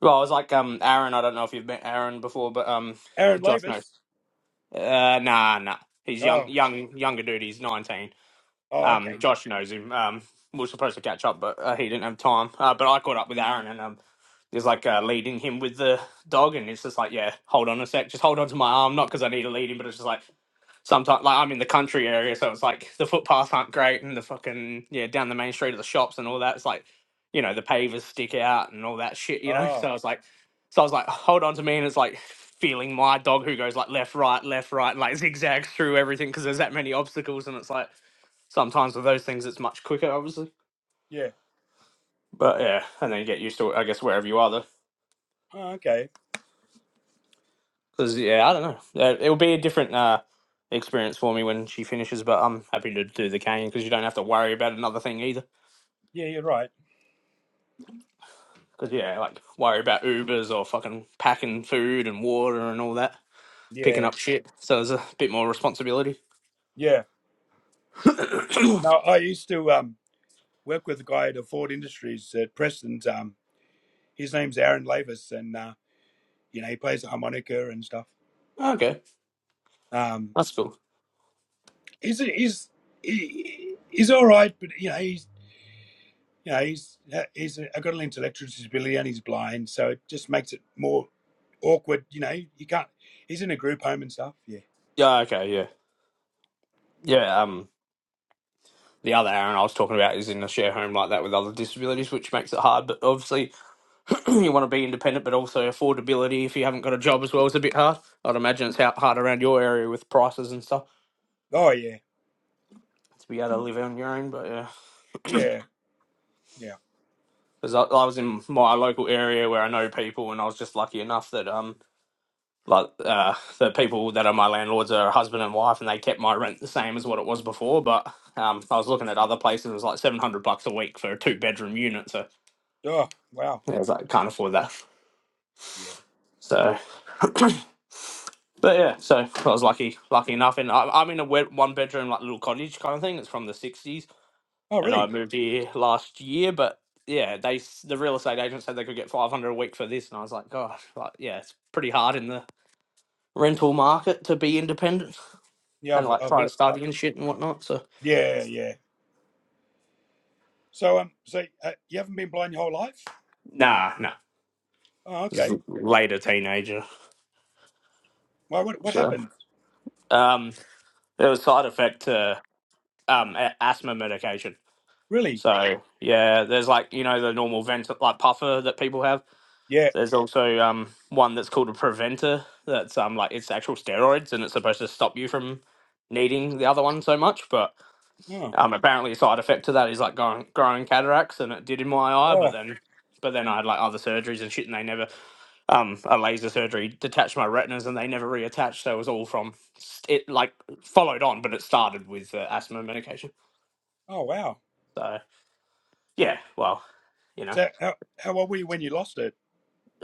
D: Well, I was like um Aaron, I don't know if you've met Aaron before, but um
A: Aaron
D: Josh
A: Lavis.
D: knows. Uh nah nah. He's young
A: Oh,
D: young younger dude, he's nineteen.
A: oh,
D: Um
A: okay.
D: Josh knows him. Um we were supposed to catch up but uh, he didn't have time. Uh but I caught up with Aaron and um there's like uh, leading him with the dog and it's just like yeah hold on a sec just hold on to my arm not because i need to lead him but it's just like sometimes like I'm in the country area, so it's like the footpaths aren't great and the fucking yeah, down the main street of the shops and all that. It's like, you know, the pavers stick out and all that shit, you know? (laughs)
A: Oh,
D: So I was like so I was like, hold on to me and it's like feeling my dog who goes like left, right, left, right, and like (laughs) zigzags through everything because there's that many obstacles and it's like sometimes with those things it's much quicker obviously.
A: yeah.
D: But yeah, and then you get used to it, I guess wherever you are though.
A: Oh, okay.
D: Because yeah, I don't know. Yeah, It'll be a different uh experience for me when she finishes, but I'm happy to do the cane because you don't have to worry about another thing either.
A: Yeah, you're right.
D: Because, yeah, like, worry about Ubers or fucking packing food and water and all that, picking
A: Yeah,
D: up shit. So there's a bit more responsibility.
A: yeah. No, I used to um work with a guy at a Ford Industries at Preston's. Um, his name's Aaron Lavis, and uh, you know he plays the harmonica and stuff.
D: Okay,
A: Um,
D: that's cool.
A: he's he's he, he's all right, but you know he's you know he's uh, he's a, got an intellectual disability and he's blind, so it just makes it more awkward. You know, you can't. He's in a group home and stuff. Yeah.
D: Yeah, okay, yeah. Yeah, um, the other Aaron I was talking about is in a share home like that with other disabilities, which makes it hard. But obviously, (clears throat) you want to be independent, but also affordability if you haven't got a job as well is a bit hard. I'd imagine it's out- hard around your area with prices and stuff
A: Oh yeah,
D: to be able to live on your own. But yeah,
A: yeah, yeah.
D: because I, I was in my local area where I know people, and I was just lucky enough that um Like uh, the people that are my landlords are husband and wife, and they kept my rent the same as what it was before. But um, I was looking at other places; it was like seven hundred bucks a week for a two bedroom unit. So
A: Oh, wow.
D: yeah, I was like, can't afford that.
A: Yeah.
D: So, (clears throat) but yeah, so I was lucky, lucky enough, and I, I'm in a wet one bedroom like little cottage kind of thing. It's from the '60s,
A: Oh,
D: and I
A: really?
D: moved here last year. But yeah, they s- the real estate agent said they could get 500 a week for this, and I was like, gosh, like yeah, it's pretty hard in the rental market to be independent.
A: Yeah,
D: and
A: I've,
D: like
A: I've
D: trying
A: heard.
D: to
A: uh,
D: study and shit and whatnot. So
A: yeah, yeah. So, um, so uh, you haven't been blind your whole life?
D: nah, nah,
A: Oh,
D: just is
A: okay.
D: later teenager.
A: Well, what what
D: So
A: happened?
D: um, there was side effect to um a- asthma medication.
A: Really?
D: So yeah, there's like you know the normal vent like puffer that people have.
A: Yeah.
D: There's also um one that's called a preventer. That's um like it's actual steroids and it's supposed to stop you from needing the other one so much. But
A: Oh.
D: um apparently a side effect to that is like growing growing cataracts and it did in my eye. But
A: Oh.
D: then but then I had like other surgeries and shit and they never um, a laser surgery, detached my retinas, and they never reattached. So it was all from it like followed on, but it started with uh, asthma medication.
A: Oh, wow.
D: So yeah, well, you know,
A: So, how how old were you when you lost it?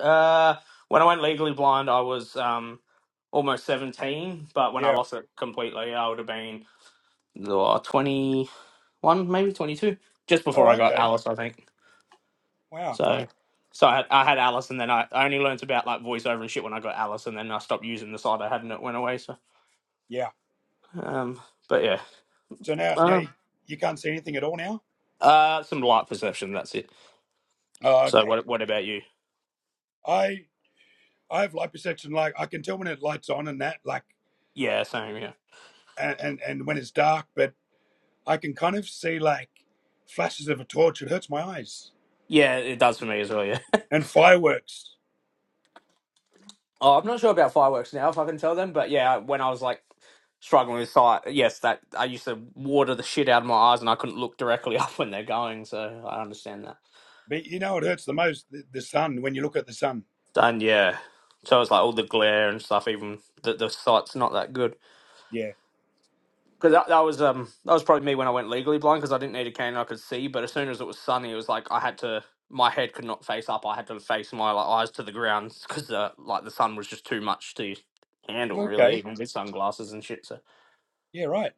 D: uh, when I went legally blind, I was um, almost seventeen, but when I
A: Yeah.
D: lost it completely, I would have been uh, twenty-one, maybe twenty-two, just before
A: Oh,
D: I got
A: okay.
D: Alice, I think.
A: Wow.
D: So. So I had, I had Alice, and then I, I only learnt about like voiceover and shit when I got Alice, and then I stopped using the side I had, and it went away. So,
A: Yeah.
D: um, but yeah,
A: So now now
D: Uh,
A: you, you can't see anything at all now.
D: Uh, some light perception. That's it.
A: Oh,
D: So
A: okay.
D: what? What about you?
A: I I have liposuction. Like I can tell when it lights on and that, like,
D: Yeah, same. Yeah,
A: and and, and when it's dark, but I can kind of see like flashes of a torch. It hurts my eyes.
D: yeah, it does for me as well. Yeah. (laughs)
A: and fireworks.
D: Oh, I'm not sure about fireworks now. If I can tell them, but yeah, when I was like struggling with sight, yes, that I used to water the shit out of my eyes, and I couldn't look directly (laughs) up when they're going. So I understand that.
A: But you know, it hurts the most the, the sun when you look at the sun.
D: And yeah, so it's like all the glare and stuff. Even the the sight's not that good.
A: Yeah.
D: Because that, that was um that was probably me when I went legally blind because I didn't need a cane I could see, but as soon as it was sunny, it was like I had to my head could not face up. I had to face my like, eyes to the ground because the like the sun was just too much to handle really,
A: Okay.
D: even with sunglasses and shit. So
A: Yeah. Right.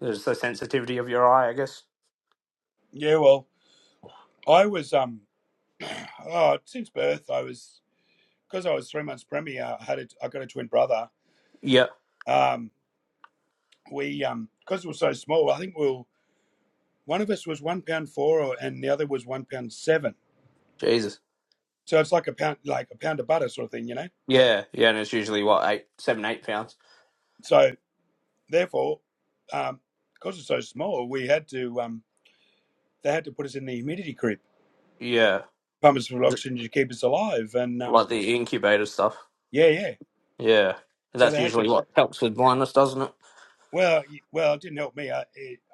D: there's the sensitivity of your eye, I guess.
A: Yeah. Well, I was um, (clears throat) oh, since birth I was because I was three months preemie. I had a, I got a twin brother.
D: Yeah.
A: Um, we um, because we were so small, I think we will one of us was one pound four, or, and the other was one pound seven.
D: Jesus.
A: So it's like a pound, like a pound of butter sort of thing, you know.
D: Yeah, yeah, and it's usually what eight, seven, eight pounds.
A: So therefore, um, because we're so small, we had to um, they had to put us in the humidity crib
D: Yeah,
A: pumped for oxygen to keep us alive. And um,
D: like the incubator stuff.
A: yeah, yeah.
D: Yeah,
A: So
D: that's
A: they had to.
D: usually what helps with blindness, doesn't it?
A: Well, well, it didn't help me. I, eh,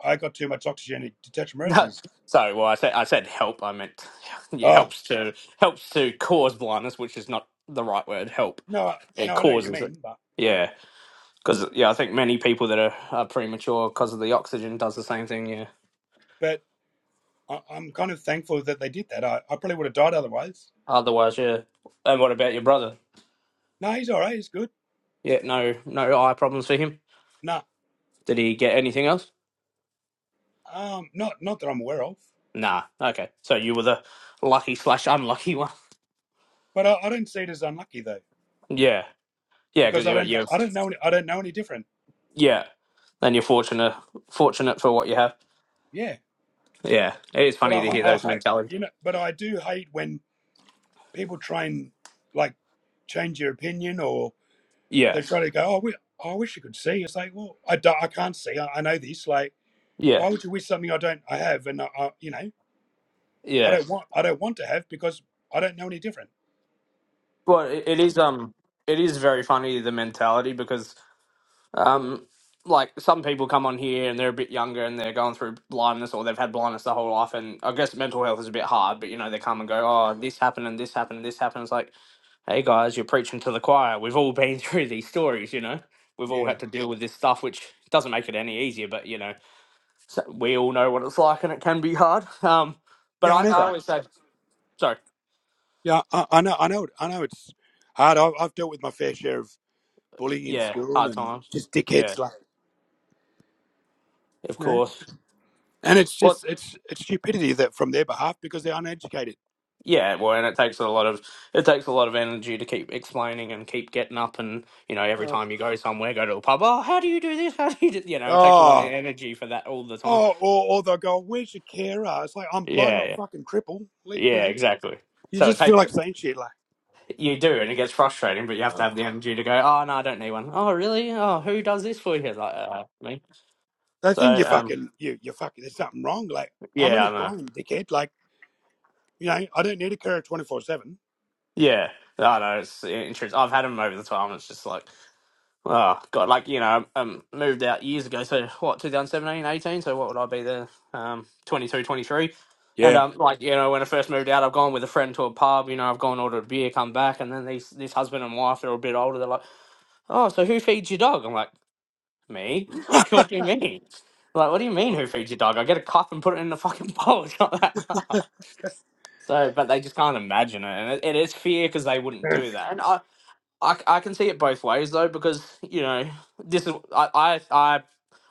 A: I got too much oxygen to detach
D: (laughs)
A: my
D: No,
A: retinas.
D: Sorry, well, I said I said help. I meant (laughs) yeah,
A: Oh
D: helps to helps to cause blindness, which is not the right word. Help
A: no,
D: it
A: no, I know what you
D: causes it.
A: mean, but
D: Yeah, because yeah, I think many people that are, are premature because of the oxygen does the same thing. Yeah.
A: but I, I'm kind of thankful that they did that. I, I probably would have died otherwise.
D: Otherwise, yeah. And what about your brother?
A: No, he's all right. He's good.
D: Yeah, no, no eye problems for him.
A: No,
D: Did he get anything else?
A: um, not not that I'm aware of.
D: Nah. Okay, so you were the lucky slash unlucky one. (laughs)
A: But I, I don't see it as unlucky though,
D: Yeah, yeah, because
A: because I
D: you
A: don't
D: you
A: I don't know any, I don't know any different.
D: yeah. Then you're fortunate fortunate for what you have.
A: Yeah,
D: Yeah, it is
A: but I,
D: funny to hear
A: I,
D: those
A: I
D: mentalities.
A: you know, but I do hate when people try and like change your opinion or
D: Yeah,
A: they're trying to go, oh, we, oh, I wish you could see. It's like, well, I, don't, I can't see. I, I know this. Like,
D: yeah,
A: why would you wish something I don't, I have, and I, I, you know, I
D: yeah.
A: don't want, I don't want to have because I don't know any different.
D: Well, it, it is um, it is very funny the mentality because um, like some people come on here and they're a bit younger and they're going through blindness or they've had blindness their whole life, and I guess mental health is a bit hard, but you know they come and go, oh, this happened and this happened and this happened. It's like, hey guys, you're preaching to the choir. We've all been (laughs) through these stories, you know. We've all
A: Yeah.
D: had to deal with this stuff, which doesn't make it any easier, but you know, so we all know what it's like, and it can be hard. Um, but
A: Yeah, I
D: I,
A: know
D: I
A: that.
D: always say. Sorry.
A: Yeah, I, I know, I know, I know it's hard. I've, I've dealt with my fair share of bullying in
D: Yeah,
A: school
D: hard
A: and
D: times.
A: just
D: Yeah,
A: dickheads, like,
D: of
A: you know.
D: course.
A: And it's
D: What?
A: just, it's, it's stupidity that from their behalf because they're uneducated.
D: yeah, well, and it takes a lot of it takes a lot of energy to keep explaining and keep getting up and you know every
A: Oh,
D: time you go somewhere, go to a pub. Oh, how do you do this? (laughs) How do you do? You know, it takes a lot of
A: oh,
D: energy for that all the time.
A: oh or, or they'll go, "Where's your carer?" It's like I'm blind,
D: Yeah,
A: not
D: yeah,
A: fucking crippled. Leave, you
D: yeah,
A: know.
D: exactly.
A: You
D: So it
A: just feel
D: takes
A: like saying shit like,
D: you do, and it gets frustrating, but you have to
A: oh,
D: have the energy to go. Oh no, I don't need one. Oh really? Oh, who does this for you? Like uh, me.
A: they
D: So
A: think you
D: um,
A: fucking, you, you fucking, there's something wrong. Like, I'm
D: yeah,
A: only
D: I know.
A: blind, dickhead. Like, you know, I don't need a carer 24 7.
D: Yeah, I know. It's interesting. I've had them over the time. It's just like. Oh God, like you know, um, moved out years ago. So what, 2017, 18? So what would I be there? Um, 22, 23, And
A: Yeah.
D: um, like you know, when I first moved out, I've gone with a friend to a pub. You know, I've gone ordered a beer, come back, and then these this husband and wife, they're a bit older. They're like, "Oh, so who feeds your dog?" I'm like, "Me." (laughs) like, what do you mean? Like, what do you mean who feeds your dog? I get a cup and put it in the fucking bowl. (laughs) It's not that hard. (laughs) So, but they just can't imagine it, and it, it is fear because they wouldn't do that. And I, I, c- I can see it both ways though because you know this is I I I,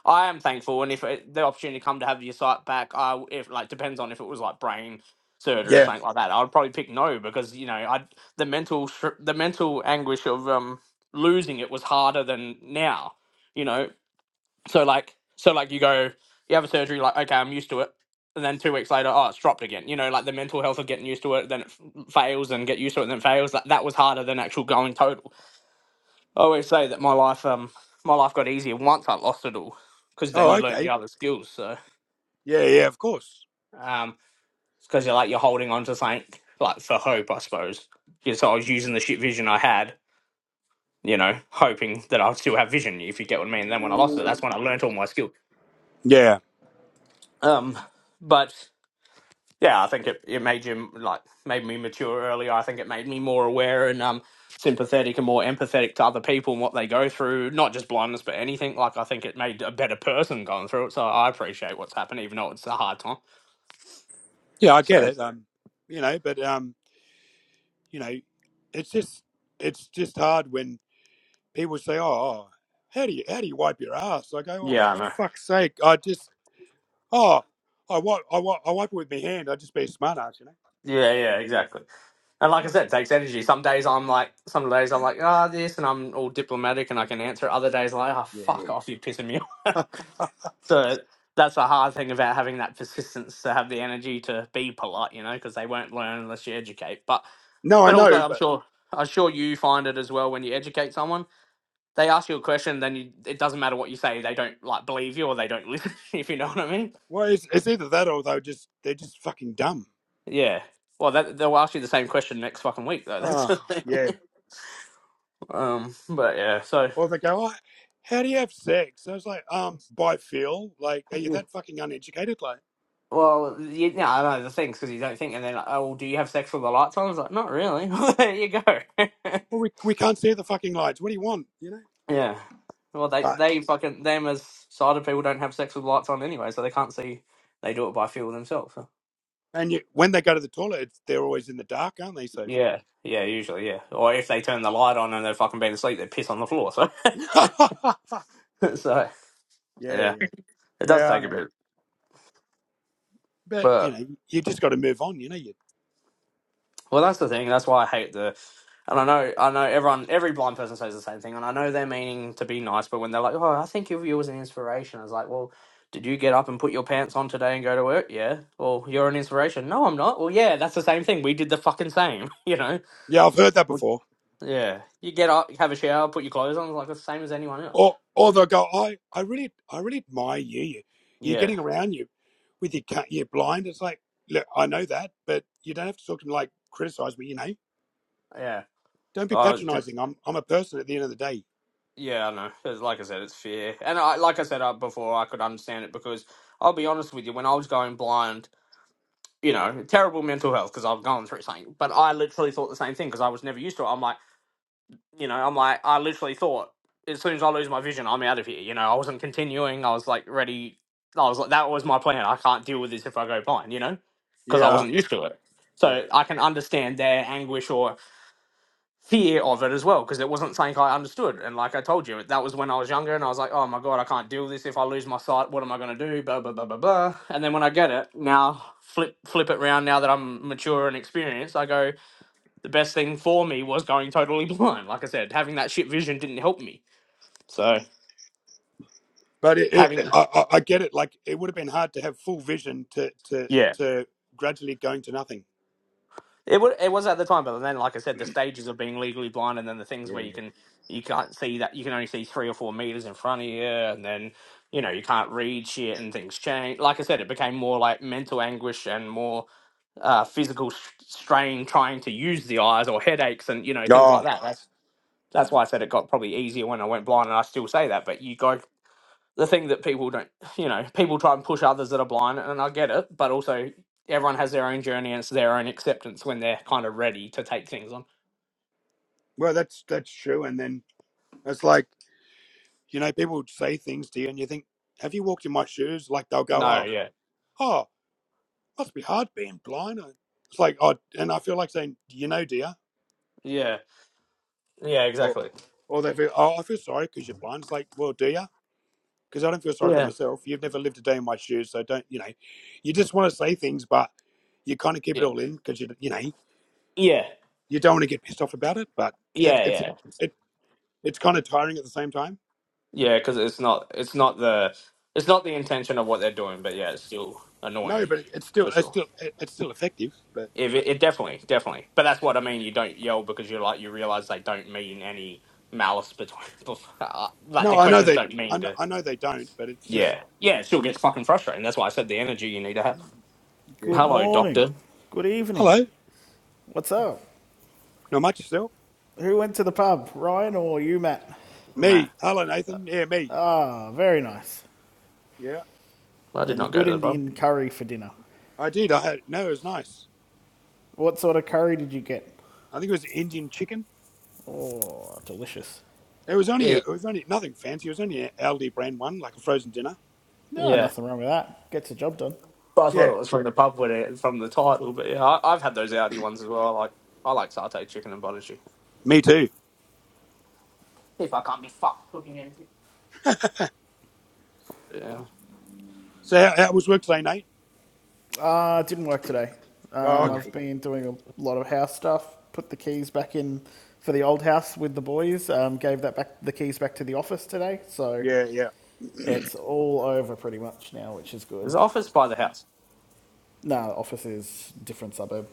D: I am thankful and if it, the opportunity come to have your sight back I w- if like depends on if it was like brain surgery or
A: Yeah.
D: something like that I'd probably pick no because you know I the mental str- the mental anguish of um losing it was harder than now you know so like so like you go you have a surgery like okay I'm used to it and then two weeks later oh it's dropped again you know like the mental health of getting used to it then it f- fails and get used to it and then fails that that was harder than actual going total I always say that my life, um, my life got easier once I lost it all, because then
A: Oh,
D: you learn the
A: okay.
D: other skills. So,
A: Yeah, yeah, of course.
D: um, because you're like you're holding on to something like for hope, I suppose. Yeah, so I was using the shit vision I had, you know, hoping that I'd still have vision. If you get what I mean. And then when I lost it, that's when I learnt all my skills.
A: Yeah.
D: Um, but yeah, I think it, it made him like made me mature earlier. I think it made me more aware and um sympathetic and more empathetic to other people and what they go through, not just blindness but anything. Like I think it made a better person going through it. So I appreciate what's happened, even though it's a hard time.
A: Yeah, I get
D: So
A: it. Um, you know, but, um, you know, it's just, it's just hard when people say, oh, oh, how do you, how do you wipe your ass? I go, oh,
D: yeah, I know.
A: for fuck's sake. I just, oh, I wipe, I wipe, I wipe it with my hand. I'd just be a smart ass, you know?
D: Yeah, yeah, exactly. And like I
A: Fuck.
D: said, it takes energy. Some days I'm like, some days I'm like, ah, this, and I'm all diplomatic and I can answer. it. Other days, like, ah,
A: Yeah.
D: fuck off, you're pissing me off. (laughs) so that's a hard thing about having that persistence to have the energy to be polite, you know, because they won't learn unless you educate. But
A: No, I
D: but
A: know,
D: also, I'm
A: but.
D: sure I'm sure you find it as well when you educate someone. They ask you a question, then you, it doesn't matter what you say. They don't like believe you or they don't listen. (laughs) If you know what I mean?
A: Well, it's, it's either that or they're just they're just fucking dumb.
D: Yeah. Well, that, they'll ask you the same question next fucking week, though. (laughs) That's
A: Oh,
D: the thing.
A: yeah.
D: Um, but yeah, so
A: Or they go, oh, how do you have sex? I was like, um, by feel. Like, are you
D: you-
A: that fucking uneducated? Like,
D: well, you, no, I know the thing's because you don't think, and then like, oh, do you have sex with the lights on? It's like, not really. (laughs) Well, there you go. (laughs)
A: well, we we can't see the fucking lights. What do you want? You know.
D: yeah. Well, they
A: But
D: they fucking them as sighted people don't have sex with lights on anyway, so they can't see. They do it by feel themselves. So.
A: and you, when they go to the toilet, it's, they're always in the dark, aren't they? So.
D: Yeah, yeah, usually, yeah. Or if they turn the light on and they're fucking being asleep, they piss on the floor. So,
A: (laughs)
D: (laughs)
A: yeah,
D: so
A: yeah,
D: yeah, it does
A: yeah. I
D: take a
A: know.
D: bit,
A: But
D: but.
A: you know, you just got to move on. You know, you.
D: Well, that's the thing. That's why I hate the. And I know, I know everyone, every blind person says the same thing, and I know they're meaning to be nice, but when they're like, "Oh, I think of you was an inspiration," I was like, "Well, did you get up and put your pants on today and go to work?" Yeah. Well, you're an inspiration. No, I'm not. Well, yeah, that's the same thing. We did the fucking same. (laughs) You know.
A: Yeah, I've heard that
D: What?
A: before.
D: Yeah. You get up, have a shower, put your clothes on, it's like the same as anyone else.
A: Or, or they'll go, I, I really, I really admire you. you. You're
D: Yeah.
A: getting around you with your cut, you're blind. It's like, look, I know that, but you don't have to talk to me like criticize me. You know,
D: Yeah.
A: don't be
D: I was. did-
A: patronizing. I'm, I'm a person at the end of the day.
D: Yeah, I know. It's, like I said, it's fear, and I, like I said uh, before, I could understand it because I'll be honest with you, when I was going blind. you know, terrible mental health because I've gone through something. But I literally thought the same thing because I was never used to it. I'm like, you know, I'm like, I literally thought as soon as I lose my vision, I'm out of here. You know, I wasn't continuing. I was like ready. I was like, that was my plan. I can't deal with this if I go blind. You know, because I
A: Yeah,
D: wasn't used to it.
A: Yeah.
D: So I can understand their anguish or fear of it as well because it wasn't something I understood. And like I told you, that was when I was younger, and I was like, "Oh my god, I can't deal this. If I lose my sight, what am I going to do?" Blah blah blah blah blah. And then when I get it now, flip flip it round. Now that I'm mature and experienced, I go, the best thing for me was going totally (laughs) blind. Like I said, having that shit vision didn't help me. So
A: but it, it,
D: having
A: I, I I get it. Like it would have been hard to have full vision to, to,
D: yeah
A: to gradually going to nothing.
D: It was it was at the time, but then, like I said, the stages of being legally blind, and then the things where you can you can't see that you can only see three or four meters in front of you, and then you know you can't read shit, and things change. Like I said, it became more like mental anguish and more uh, physical s- strain trying to use the eyes, or headaches, and you know things
A: Oh,
D: like that. That's that's why I said it got probably easier when I went blind, and I still say that. But you go the thing that people don't, you know, people try and push others that are blind, and I get it, but also everyone has their own journey and it's their own acceptance when they're kind of ready to take things on.
A: well, that's that's true. And then it's like you know, people would say things to you, and you think, have you walked in my shoes? Like they'll go,
D: No,
A: oh.
D: yeah,
A: oh." must be hard being blind. I, it's like, oh, and I feel like saying, you know, dear,
D: yeah, yeah,
A: or
D: exactly.
A: or they feel, oh, I feel sorry because you're blind. It's like, well, do you? Because I don't feel sorry for
D: Yeah,
A: myself. You've never lived a day in my shoes, so don't, you know, you just want to say things, but you kind of keep it
D: yeah,
A: all in because you, you know,
D: yeah,
A: you don't want to get pissed off about it. But it,
D: yeah,
A: it's
D: yeah,
A: it it's kind of tiring at the same time.
D: yeah, because it's not, it's not the, it's not the intention of what they're doing, but yeah, it's still
A: No,
D: annoying
A: but it's still
D: for
A: it's
D: sure.
A: still it's still effective. But
D: If it, it definitely, definitely, but that's what I mean. You don't yell because you're like you realize they don't mean any malice between. (laughs) like
A: no,
D: the
A: I know
D: questions
A: they
D: don't
A: I
D: mean
A: know,
D: to.
A: I know they don't, but it's just
D: Yeah, yeah, it still gets fucking frustrating. That's why I said the energy you need to have.
A: yeah.
F: Good
D: Hello,
F: morning.
D: doctor.
F: Good evening.
A: Hello,
F: What's up?
A: not much yourself.
F: Who went to the pub, Ryan or you, Matt?
D: Matt,
A: Me, hello Nathan. Yeah, me.
F: Ah, very nice.
A: Yeah.
D: I did
F: And
D: not go
F: good
D: to the pub.
F: Indian curry for dinner.
A: I did. I had no. It was nice.
F: What sort of curry did you get?
A: I think it was Indian chicken.
F: Oh, delicious.
A: It was only a,
D: Yeah,
A: it was only nothing fancy. It was only an Aldi brand one, like a frozen dinner.
F: No,
D: yeah.
F: nothing wrong with that. Gets the job done.
D: But I thought
A: Yeah.
D: it was from the pub when it, from the title. But yeah, I, I've had those Audi ones as well. I like I like satay chicken and butter chicken.
A: Me too.
D: If I can't be fucked cooking anything. Yeah,
A: So how, how was work today, Nate?
F: Uh, it didn't work today.
A: Oh,
F: Um,
D: no.
F: I've
A: okay.
F: been doing a lot of house stuff. Put the keys back in for the old house with the boys. Um, gave that back the keys back to the office today. So
A: Yeah, yeah.
F: it's all over pretty much now, which is
D: There's
F: good.
D: an office by the house.
F: Nah, office is different suburb.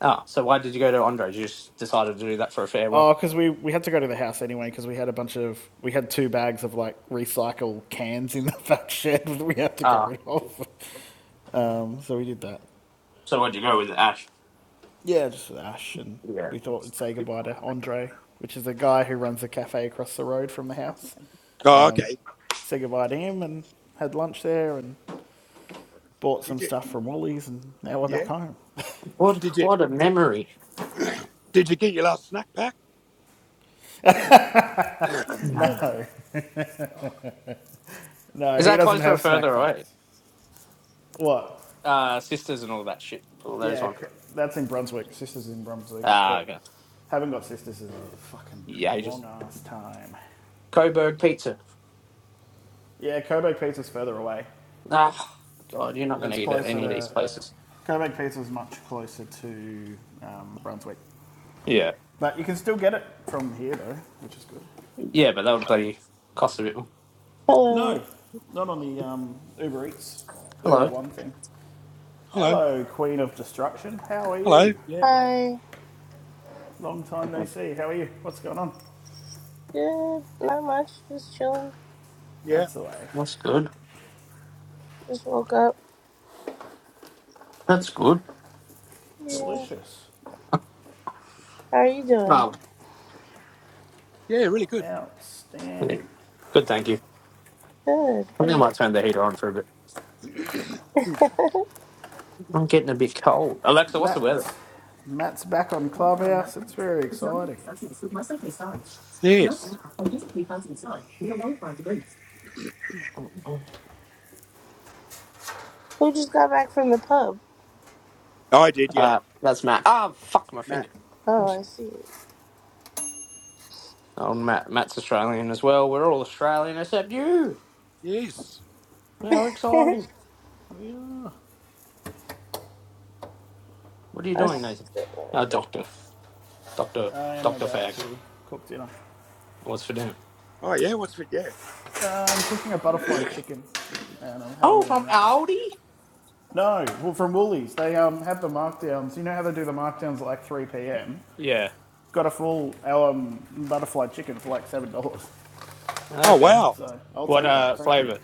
D: Ah, so why did you go to Andre's? You just decided to do that for a farewell.
F: Oh, because we, we had to go to the house anyway because we had a bunch of we had two bags of like recycle cans in the (laughs) back shed that we had to get
D: Ah,
F: rid of. Um, so we did that.
D: so why'd you go with Ash?
F: Yeah, just with Ash and
D: Yeah.
F: we thought we'd say goodbye to Andre, which is a guy who runs a cafe across the road from the house.
A: Oh,
F: Um,
A: okay.
F: say goodbye to him and had lunch there and bought some
A: Did you?
F: stuff from Wally's and now we're
A: Yeah.
F: back home.
D: What
A: Did you?
D: what a memory.
A: (clears throat) Did you get your last snack pack?
F: (laughs)
A: (clears throat)
D: Is
F: No,
A: Oh,
F: no, he
D: that
F: doesn't
D: closer or
F: have
D: further
F: snack
D: away?
F: packs. What?
D: uh, sisters and all that shit. All those
F: Yeah,
D: ones.
F: that's in Brunswick. Sisters in Brunswick,
D: Ah,
F: but
D: okay.
F: haven't got sisters in a fucking
D: Yeah, you just
F: long ass time.
D: Coburg pizza.
F: Yeah, Coburg Pizza's further away.
D: Ah, God, you're not going to
F: It's
D: eat at
F: closer
D: any of these
F: to
D: places.
F: Coburg Pizza's much closer to um, Brunswick,
D: Yeah,
F: but you can still get it from here though, which is good.
D: yeah, but that would bloody cost a bit. more.
G: Hello.
F: No, not on the um, Uber Eats, Uber
D: Hello,
F: One thing.
A: hello.
F: Hello, Queen of Destruction. How are
A: Hello.
F: you?
A: Yeah.
G: Hi.
F: Long time no
D: Mm,
F: see. How are you? What's going on?
G: Good. Not much. Just chilling.
A: Yeah.
F: That's the way.
D: that's good.
G: Just woke up.
D: That's good.
G: Yeah.
F: Delicious.
G: How are you doing?
D: Um,
A: Yeah. Really good.
D: yeah.
F: Outstanding.
D: good, thank you.
G: Good.
D: I think I
G: Good.
D: might turn the heater on for a bit. I'm getting a bit cold. Alexa, what's the weather?
F: Matt. Matt's back on Clubhouse. It's very exciting.
A: Yes.
G: Who just got back from the pub?
A: I did. Yeah.
D: Uh, that's Matt. Ah, fuck my
A: Matt.
D: finger.
G: Oh, I see.
D: Oh, Matt, Matt's Australian as well. We're all Australian except you.
A: Yes.
D: How exciting!
F: Yeah,
D: What are you doing,
G: Us-
D: Nathan? Oh, doctor, doctor,
F: I am
D: doctor
F: about
D: fag.
F: to cook dinner.
D: What's for dinner?
A: Oh yeah. What's for? Yeah.
F: Uh, I'm cooking a butterfly chicken, and I'm having
D: Oh,
F: it in
D: from
F: wraps.
D: Aldi.
F: No, well, from Woolies. They um, have the markdowns. You know how they do the markdowns at like 3 p.m.
D: Yeah.
F: Got a full um, butterfly chicken for like seven dollars.
A: Oh
D: Okay.
A: wow.
F: So I'll
D: What
F: take that.
D: uh
F: Thank you.
D: flavor?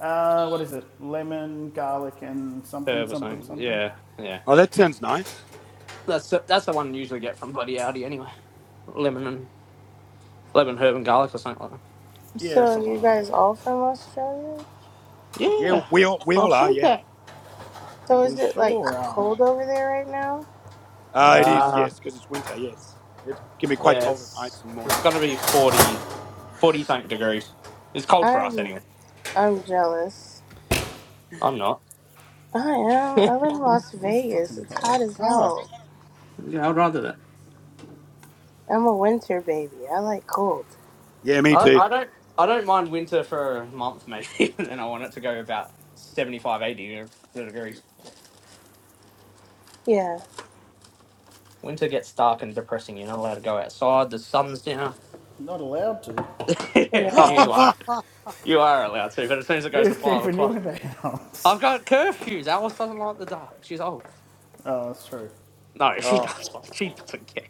F: Uh, what is it? Lemon, garlic, and something,
D: Herb or
F: something,
D: something?
F: something.
D: Yeah. Yeah.
A: Oh, that sounds nice.
D: That's the, that's the one you usually get from bloody Aldi anyway. Lemon and lemon herb and garlic or something like that.
F: Yeah,
G: So
F: something
G: you
F: like
G: guys
F: that.
G: all from Australia?
A: Yeah.
D: Yeah.
A: We all we
D: i have
A: all are.
D: seen
A: Yeah.
D: that.
G: So
F: We
G: is it like
F: sure are.
G: cold over there right now?
A: Uh, it is,
D: Uh
A: yes, because it's winter, yes. It can be quite
D: yeah.
A: cold at
D: It's
A: nights and
D: it's
A: mornings.
D: gonna be 40 40 something degrees. It's cold for us
G: I'm
D: anyway.
G: I'm jealous.
D: I'm not.
G: I
D: (laughs)
G: am. I live in Las
F: It's
G: Vegas.
F: fucking
G: It's hot
F: cold.
G: as
A: Oh,
G: hell.
D: Yeah, I'd rather that.
G: I'm a winter baby. I like cold.
A: Yeah, me
D: I,
A: too.
D: I don't I don't mind winter for a month maybe, (laughs) and then I want it to go about 75, 80 you know, degrees.
G: Yeah.
D: Winter gets dark and depressing. You're not allowed to go outside. The sun's down.
F: Not allowed to.
D: (laughs)
A: (laughs)
G: Yeah.
D: you are
A: oh,
D: you are allowed to, but as soon as it goes to
F: Who's
D: five
F: keeping you
D: o'clock,
F: in the house?
D: I've got curfews. Alice doesn't like the dark. She's old.
F: Oh, that's true.
D: No, she does. (laughs) She doesn't care.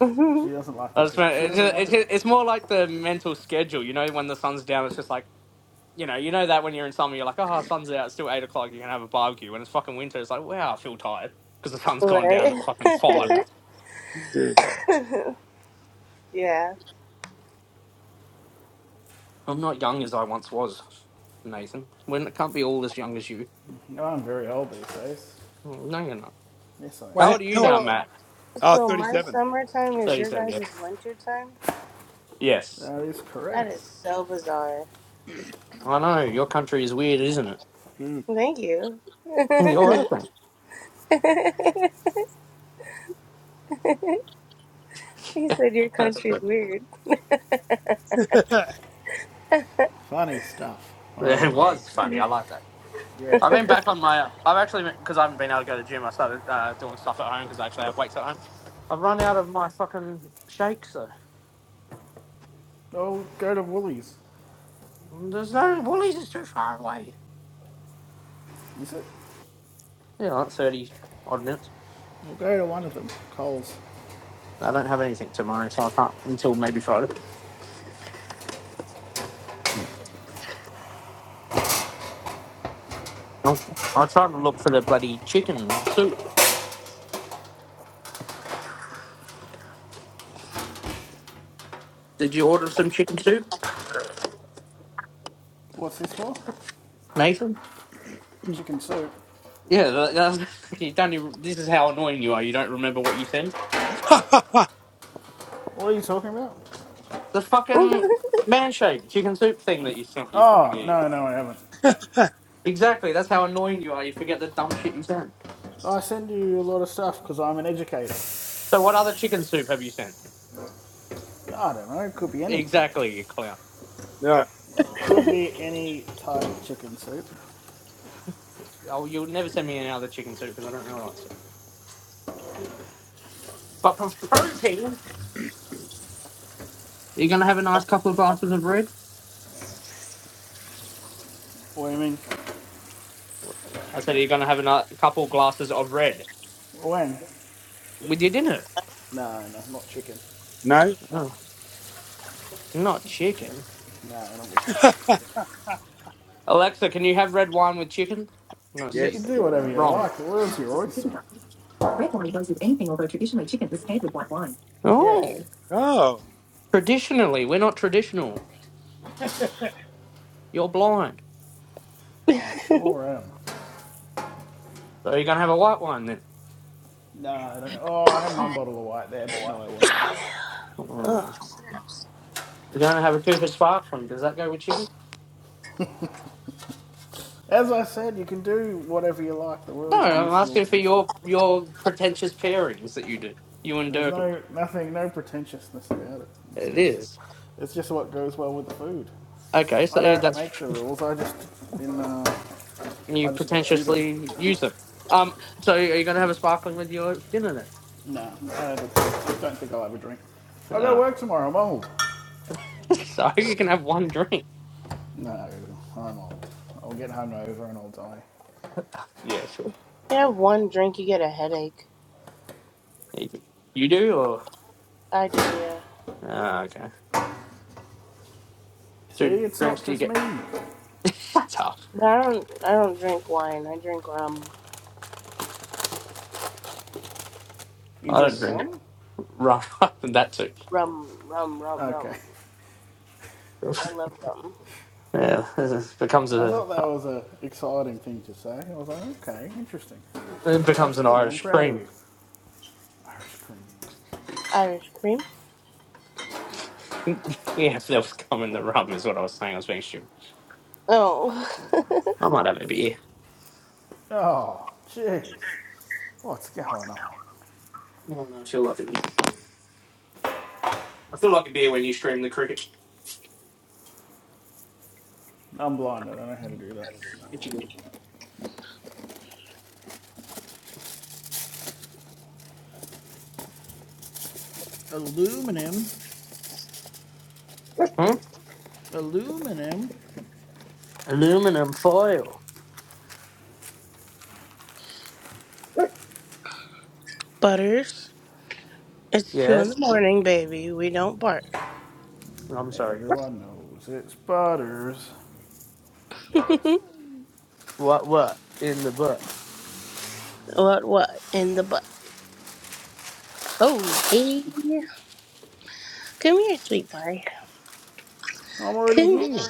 G: (laughs)
F: She doesn't like the.
D: I just,
F: co- She
D: meant-
F: doesn't like
D: it's,
F: it.
D: it's, it's more like the mental schedule. You know, when the sun's down, it's just like. You know, you know that when you're in summer, you're like, oh, sun's out, it's still eight o'clock, you can have a barbecue. When it's fucking winter, it's like, wow, I feel tired because the sun's gone down
G: right.
D: at fucking five.
A: yeah. yeah.
G: (laughs) yeah.
D: I'm not young as I once was, Nathan. When it can't be all as young as you.
F: No, I'm very old these days.
D: Mm, No, you're not.
F: Yes, I am.
D: How
A: Well,
D: old are you
A: how,
D: now,
G: So,
D: Matt?
A: uh,
G: so my summertime is your
D: 37, yeah.
G: guys' winter time?
D: Yes.
F: That is
G: That
F: correct.
G: is so bizarre.
D: I know, your country is weird, isn't it?
A: Mm.
G: Thank you. (laughs)
D: Mm, You're open.
G: he said your
D: That's
G: country's
D: good. (laughs)
G: weird.
A: (laughs)
F: Funny stuff. I
D: Yeah, it
F: agree.
D: was funny. I like that.
A: Yeah.
D: I've been back on my. uh, I've actually because I haven't been able to go to the gym. I started uh, doing stuff at home because I actually have weights at home. I've run out of my fucking shakes.
F: Oh, go to Woolies.
D: There's no Woolies is too far away.
F: Is it?
D: Yeah, like thirty odd minutes.
F: We'll go to one of them. Coles.
D: I don't have anything tomorrow, so I can't until maybe Friday. I'll, I'll to look for the bloody chicken soup. Did you order some chicken soup,
F: What's this for?
D: Nathan?
F: Chicken soup.
D: Yeah, that, that's, (laughs) you don't. Even, this is how annoying you are. You don't remember what you sent.
A: (laughs)
F: What are you talking about?
D: The
G: (laughs)
D: fucking man shake chicken soup thing that you sent. You fucking
F: Oh,
D: idiot.
F: no, no, I haven't.
D: Exactly. That's how annoying you are. You forget the dumb shit you sent.
F: I send you a lot of stuff because I'm an educator.
D: So, what other chicken soup have you sent?
F: I don't know. It could be anything.
D: Exactly, you clown.
A: No,
F: Could be any type of chicken soup.
D: Oh, you'll never send me any other chicken soup because I don't really like soup. But for protein, you're gonna have a nice couple of glasses of red.
F: What do you mean?
D: I said you're gonna have a ni- couple glasses of red
F: When?
D: with your dinner.
F: No, no, not chicken.
A: no.
D: Oh, not chicken.
F: No, not with chicken.
D: Alexa, can you have red wine with chicken? I'm gonna
F: You
D: see
F: can
D: that
A: Yes.
F: do
D: you're
F: whatever you
D: wrong.
F: like. The world's your oyster. Yes.
D: Oh,
A: Oh,
D: traditionally, we're not traditional. You're blind,
F: I
G: Ugh.
F: sure am.
D: so you're gonna have a white wine then.
F: No, I don't. Oh, I have one bottle of white there, but no, I won't.
D: Oh, You're gonna have a Cooper Sparkling. Does that go with chicken?
F: As I said, you can do whatever you like. The
D: No,
F: world is
D: I'm
F: your
D: asking for
F: oyster.
D: your your pretentious pairings that you do. You and
F: There's
D: Durkin.
F: no nothing, no pretentiousness about it. It's
D: It
F: just,
D: is
F: it's just what goes well with the food.
D: okay.
F: I
D: So
F: don't make
D: that's
F: the
D: (laughs)
F: rules. I just, in, uh,
D: you
F: I just do them.
D: pretentiously use them. Um, so are you gonna have a sparkling with your dinner
F: No, I never- I don't think I'll have a drink.
D: then?
F: I gotta
D: Oh.
F: work tomorrow. I'm old.
D: (laughs) So you can have one drink.
F: No, I'm old. I'll get hungover and I'll die.
D: Yeah, sure.
G: You have one drink, you get a headache.
D: You you do, or
G: I do, yeah.
D: oh, okay,
F: See,
D: two
F: it's
D: drinks
F: not
D: do you
F: just me.
D: get? (laughs) That's tough.
G: But I don't. I don't drink wine. I drink rum.
F: You
D: I don't
F: drink
D: drink it.
F: cum?
D: Right, (laughs) that too.
G: Rum. Rum. Rum.
F: Okay.
G: Rum. I love rum.
D: Yeah, it becomes
F: I
D: a
F: thought that was a exciting thing to say. I was like, okay, interesting.
D: it
F: That's
D: becomes an
F: good. I'm
D: Irish
F: proud of
D: cream.
F: you. Irish cream.
G: Irish cream.
D: (laughs) yeah, if there was coming the rum is what I was saying. I was being stupid.
G: Oh.
D: I might have a beer.
F: Oh, jeez. What's going on?
D: I don't know. I feel like a beer. I feel like a beer when you stream the cricket.
F: I'm blind. I don't know how to do that.
D: If you do.
F: Aluminum.
D: Hmm?
F: Aluminum.
D: Aluminum foil.
G: (laughs) Butters. It's two in
D: Yes.
G: the morning, baby. We don't bark.
D: No, I'm sorry.
F: Everyone knows it's butters.
D: What? What? In the book?
G: What? What? In the butt. Oh, hey. Come here, sweet boy.
F: I'm already
G: Come here.
F: here.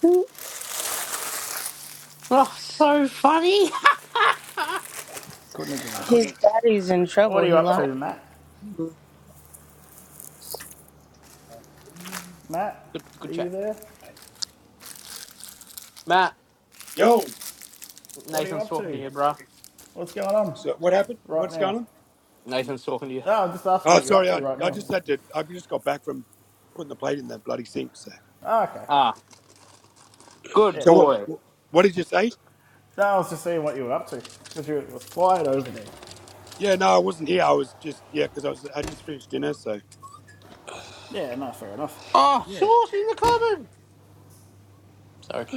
G: Huh?
D: Oh, so funny.
F: Couldn't agree.
G: His daddy's in
F: What
G: trouble.
F: are you
G: He
F: up to,
G: locked
F: Matt?
G: him.
F: Matt,
D: (laughs) good. Good
F: are you
D: chat,
F: there?
D: Matt.
A: yo.
F: What are you
D: Nathan's
F: up
D: talking to
F: to?
D: you, bro.
F: What's going on
A: So what happened?
F: right
A: What's going
F: now?
A: on?
D: Nathan's talking to you.
F: Oh, I'm just asking
A: Oh,
F: what you're up
A: sorry.
F: to
A: I,
F: right
A: I
F: now.
A: just had to, I just got back from putting the plate in that bloody sink. So,
F: Oh, okay.
D: Ah, good
F: Yeah,
A: so what,
F: cool.
D: boy.
A: what, what did you say?
F: No, I was just seeing what you were up to because it was quiet over there.
A: Yeah, no, I wasn't here. I was just, yeah, because I was, I just finished dinner. So,
F: Yeah, no, fair enough.
D: Oh,
A: yeah.
D: short in the cupboard. Sorry.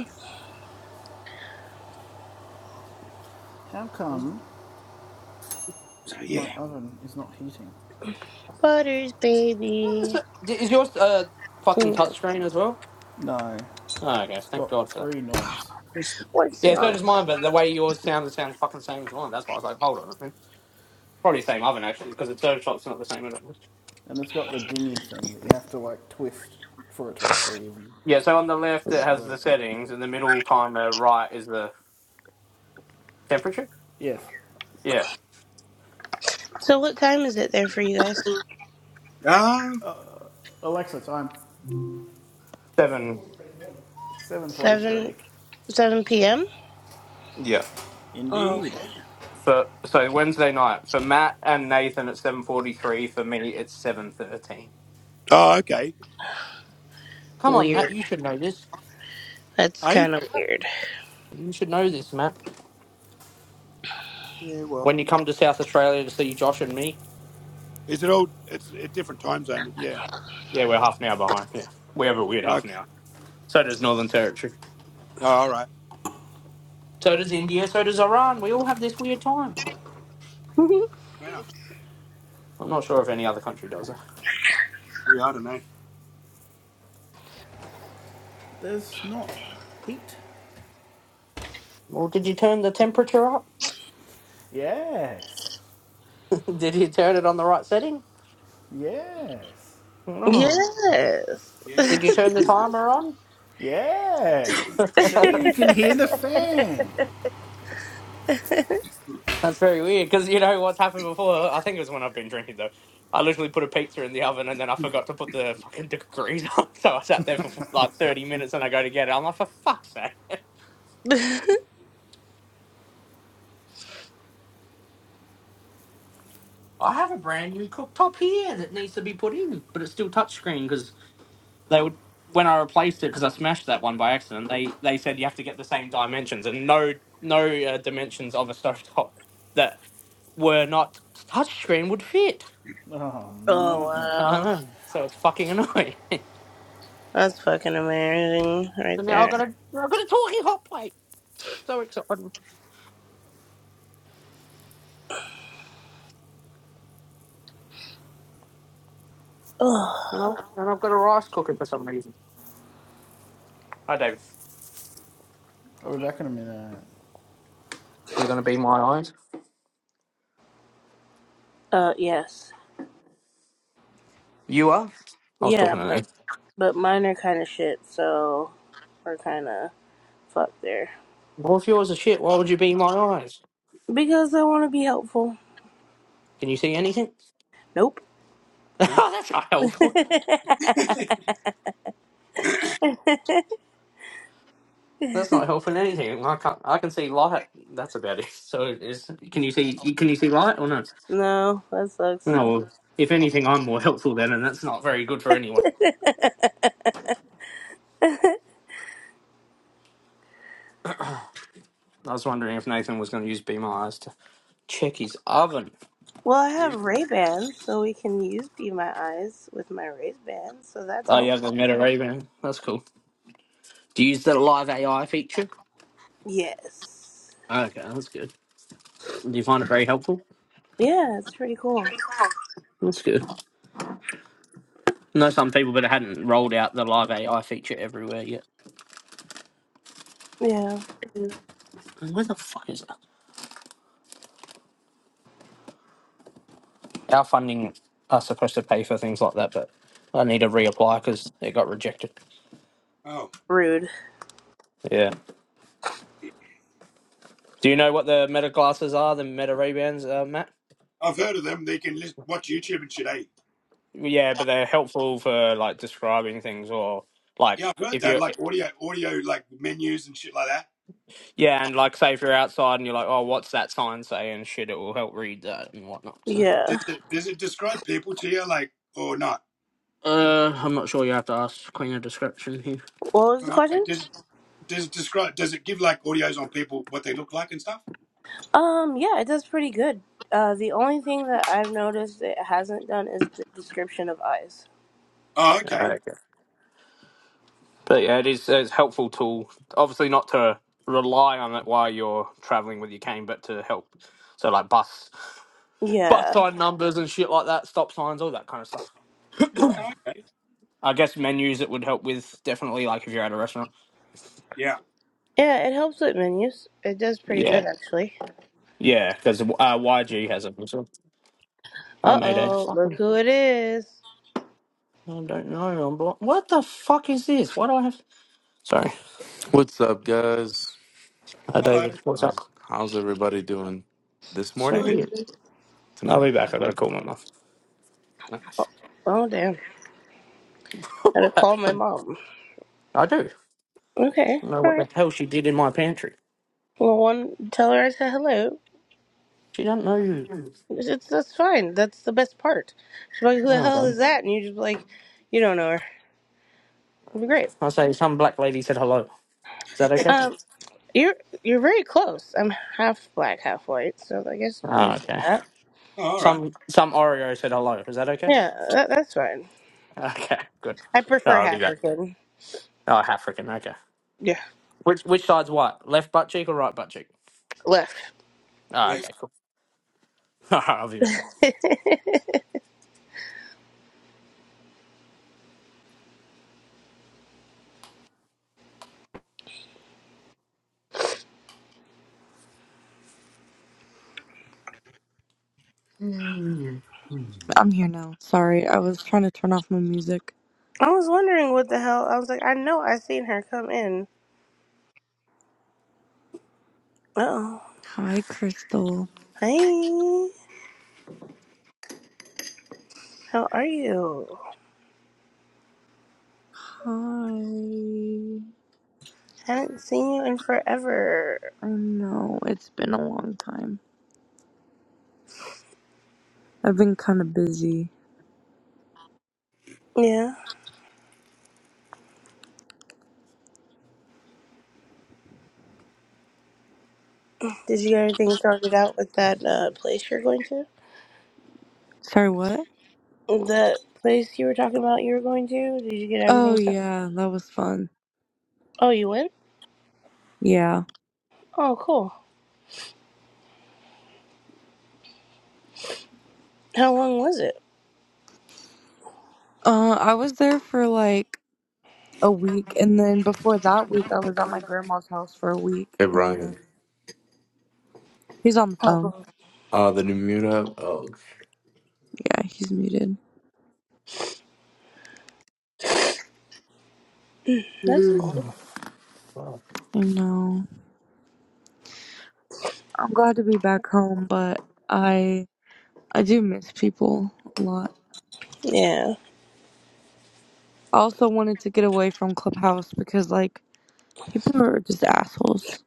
F: How
D: Was-
F: come
A: so yeah.
F: my oven is not heating?
G: Butters,
D: Yeah,
G: baby.
D: it. D- Is yours uh, fucking
G: Hmm.
D: touchscreen as well?
F: No.
D: Oh, okay.
F: It's
D: Thank God
F: got
D: for that.
F: three knobs,
G: What's
D: Yeah, so
G: wrong?
D: does mine, but the way yours sounds, it sounds fucking same as mine. That's why I was like, hold on. a minute. Probably same oven, actually, because the serve shop's not the same oven.
F: and it's got the dingy thing that you have to like twist for it to actually even
D: Yeah, so on the left, it has the
F: work.
D: settings, and the middle timer right is the temperature.
F: Yes.
D: Yeah,
G: So, what time is it there for you guys?
A: Ah,
F: Alexa, time.
D: seven.
G: 7
F: 743.
G: 7 p.m.?
D: Yeah,
G: Oh, okay.
F: Indeed.
D: for so Wednesday night for Matt and Nathan at seven forty three. For me, it's seven thirteen.
A: oh, okay.
D: Come on, Matt,
G: Weird.
D: you should know this.
G: That's
A: Hey,
G: kind of weird.
D: You should know this, Matt.
A: yeah. Well,
D: When you come to South Australia to see Josh and me,
A: is it all? It's a different time zone. Yeah.
D: yeah, we're half an hour behind. Yeah, we have a weird half an
A: Okay.
D: hour. So does Northern Territory.
A: Oh, all right.
D: So does India. So does Iran. We all have this weird time.
G: (laughs)
A: Wow.
D: I'm not sure if any other country does it.
A: Yeah, I don't know.
F: There's not heat.
D: Well, did you turn the temperature up?
F: Yes.
D: (laughs) did you turn it on the right setting?
F: Yes.
D: No.
G: yes.
D: Did you turn the timer
F: Yes.
D: on?
F: See,
D: (laughs)
F: you
G: (laughs)
F: can hear the fan.
D: That's very weird because you know what's happened before. I think it was when I've been drinking though. I literally put a pizza in the oven and then I forgot to put the fucking degrees (laughs) on, so I sat there for like thirty minutes and I go to get it. I'm like, for fuck's sake! I have a brand new cooktop here that needs to be put in, but it's still touchscreen because they would when I replaced it because I smashed that one by accident. They they said you have to get the same dimensions and no no uh, dimensions of a stovetop that were not touchscreen would fit.
F: Oh
G: oh,
F: no.
D: I
G: wow.
D: don't know, so it's fucking annoying. (laughs)
G: That's fucking amazing right
D: So now I've
G: there.
D: got a I've got a talking hot plate. So exciting.
G: Oh.
D: you know, and I've got a rice cooker for some reason. Hi David.
F: I'll be back in a minute.
D: Are you gonna be my eyes?
G: Uh, yes.
D: You are? I was
G: Yeah,
D: talking to
G: but
D: Nate.
G: But mine are kind of shit, so we're kind of fucked there.
D: Well if yours are shit, why would you be my eyes?
G: Because I want to be helpful.
D: Can you see anything?
G: Nope.
D: (laughs)
A: No.
D: oh, that's not
G: (laughs)
D: helpful. That's not helping anything. I can't I can see light. That's about it. (laughs) So is can you see can you see light or no?
G: no, that sucks.
D: No well, if anything I'm more helpful then and that's not very good for anyone. I was wondering if Nathan was gonna use Be My Eyes to check his oven.
G: Well, I have
A: Yeah.
G: Ray Bans, so we can use Be My Eyes with my Ray Bans, so that's
D: Oh you
G: helpful.
D: haven't met her even. That's cool. Do you use the live AI feature?
G: Yes.
D: Okay, that's good. Do you find it very helpful?
G: Yeah, it's pretty cool.
D: That's good. I know some people, but it hadn't rolled out the live AI feature everywhere yet.
G: Yeah.
D: Where the fuck is that? Our funding are supposed to pay for things like that, but I need to reapply because it got rejected.
A: Oh,
G: Rude.
D: Yeah. Do you know what the meta glasses are? The meta Ray Bans, uh, Matt?
A: I've heard of them. They can list, watch YouTube and shit. Hey.
D: Yeah, but they're helpful for like describing things or like
A: Yeah, I've heard
D: if
A: that.
D: you're
A: Like audio, audio, like menus and shit like that.
D: yeah, and like say if you're outside and you're like, oh, what's that sign say and shit, it will help read that and whatnot. So.
G: Yeah.
A: Does it does it describe people to you, like or not?
D: Uh, I'm not sure. You have to ask Queen a description here.
G: What was the
A: Oh, Okay.
G: question?
A: Does does it describe? Does it give like audios on people what they look like and stuff?
G: Um, yeah, it does pretty good. Uh, the only thing that I've noticed it hasn't done is the description of eyes.
A: Oh,
D: Ah,
A: okay.
D: okay. But yeah, it is uh, it's a helpful tool. Obviously, not to rely on it while you're traveling with your cane, but to help. So like bus, bus
G: Yeah.
D: sign numbers and shit like that, stop signs, all that kind of stuff.
A: Oh, okay.
D: I guess menus it would help with definitely like if you're at a restaurant.
A: Yeah.
G: Yeah, it helps with menus. It does pretty
D: Yeah,
G: good, actually.
D: yeah, because uh, YG has it. So I
G: Uh
D: made a
G: oh, look
D: fucking.
G: who it is.
D: I don't know. I'm blo- What the fuck is this? Why do I have? Sorry,
H: What's up, guys?
D: uh,
A: Hello.
D: David. What's
H: How's
D: up?
H: how's everybody doing this
D: So
H: morning?
A: Good.
D: weird. I'll
H: Tonight?
D: be back. I gotta call my mum.
G: Oh,
H: Hey,
G: oh, damn. I had to call my
D: (laughs)
G: mom.
D: I do
G: Okay,
D: know what
G: alright.
D: the hell she did in my pantry.
G: Well, one, tell her I said hello.
D: She doesn't know you.
G: It's, it's- that's fine. That's the best part. She's like, who the
D: Oh,
G: hell
D: okay.
G: is that? And you just be like, you don't know her. It'd be great.
D: I say some black lady said hello. Is that okay?
G: Um, you're you're very close. I'm half black, half white, so I guess you
D: Oh,
G: can say
D: okay.
G: that.
A: Oh, all
D: Some
A: right.
D: some Oreo said hello. Is that okay? (laughs)
G: Yeah, that, that's fine.
D: Okay, good.
G: I
D: Oh,
G: prefer
D: I'll be
G: half
D: back.
G: African.
D: Oh, African. Okay.
G: Yeah,
D: Which which side's what? Left butt cheek or right butt cheek?
G: left.
D: Oh, okay, cool. (laughs) I'll be back.
G: (laughs)
I: I'm here now. Sorry, I was trying to turn off my music.
G: I was wondering what the hell. I was like, I know I seen her come in. Oh,
I: Hi, Crystal.
G: hi. How are you?
I: Hi.
G: Haven't seen you in forever.
I: I know, it's been a long time. I've been kind of busy.
G: Yeah. Did you get everything sorted out with that uh, place you're going to?
I: Sorry, what?
G: The place you were talking about you were going to? Did you get
I: Oh,
G: everything sorted?
I: yeah, that was fun.
G: Oh, you went?
I: Yeah.
G: Oh, cool. How long was it?
I: Uh, I was there for like a week, and then before that week, I was at my grandma's house for a week, and
H: Brian.
I: then he's on the phone.
G: Oh,
H: Uh, the new mute up. Oh,
I: Yeah, he's muted.
G: that's cool.
I: I know. I'm glad to be back home, but I I do miss people a lot.
G: Yeah.
I: I also wanted to get away from Clubhouse because like people are just assholes.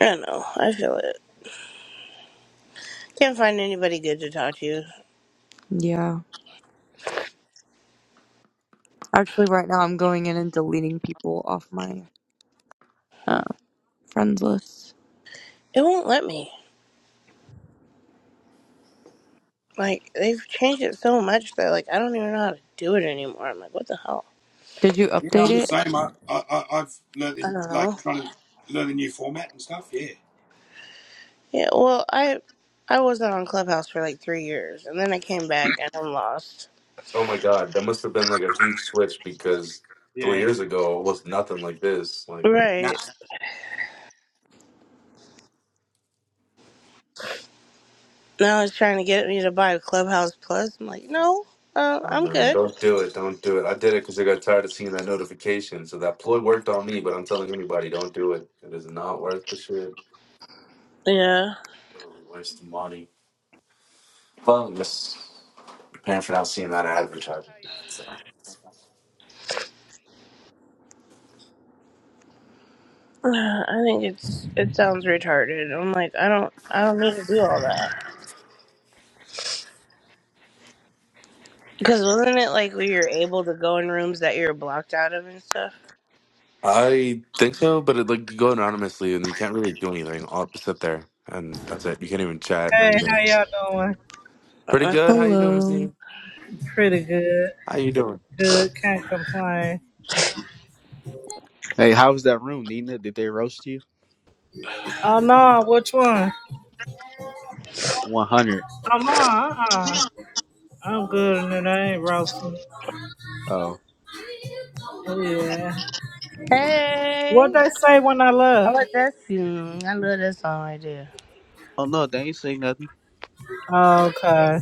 G: I know. I feel it. Can't find anybody good to talk to.
I: Yeah. Actually, right now I'm going in and deleting people off my uh, friends list.
G: It won't let me. Like they've changed it so much that like I don't even know how to do it anymore. I'm like, what the hell?
I: Did you
A: Yeah,
I: update
A: I'm the
I: it?
A: same. I, I, I I've learned
G: I
A: in,
G: don't
A: like
G: know.
A: trying to learn a new format and stuff. Yeah,
G: Yeah, well, I I wasn't on Clubhouse for like three years, and then I came back and I'm lost.
H: oh my God, that must have been like a huge switch because three
A: yeah.
H: years ago it was nothing like this. Like,
A: Nah.
G: Right now, it's trying to get me to buy Clubhouse Plus. I'm like, no, uh,
H: I don't
G: I'm good.
H: Don't do it. Don't do it. I did it because I got tired of seeing that notification. So that ploy worked on me, but I'm telling anybody, don't do it. It is not worth the shit.
G: Yeah,
H: Totally waste the money. Well, just paying for not seeing that advertisement.
G: (sighs) I think it's it sounds retarded. I'm like, I don't I don't need to do all that. Because wasn't it like we were able to go in rooms that you were blocked out of and stuff?
H: I think so, but it like you go anonymously and you can't really do anything all but sit there and that's it. You can't even
J: Hey,
H: chat or
J: how y'all doing? Hey,
H: anything.
J: how y'all doing?
H: Pretty
G: Uh-uh.
H: good. How you doing, Ms.
I: Hello.
H: Neem?
J: Pretty good.
H: How you doing?
J: Good. Can't complain.
K: Hey, how was that room, Nina? Did they roast you?
J: Oh no, which one?
K: 100.
J: Oh no, uh-uh. I'm good and it ain't roasting.
K: Oh.
J: Oh yeah.
G: Hey.
J: What they say when I
G: I
J: left?
G: like that. Mm, I love that song right there.
K: Oh, no, they ain't saying nothing.
J: Oh, Okay.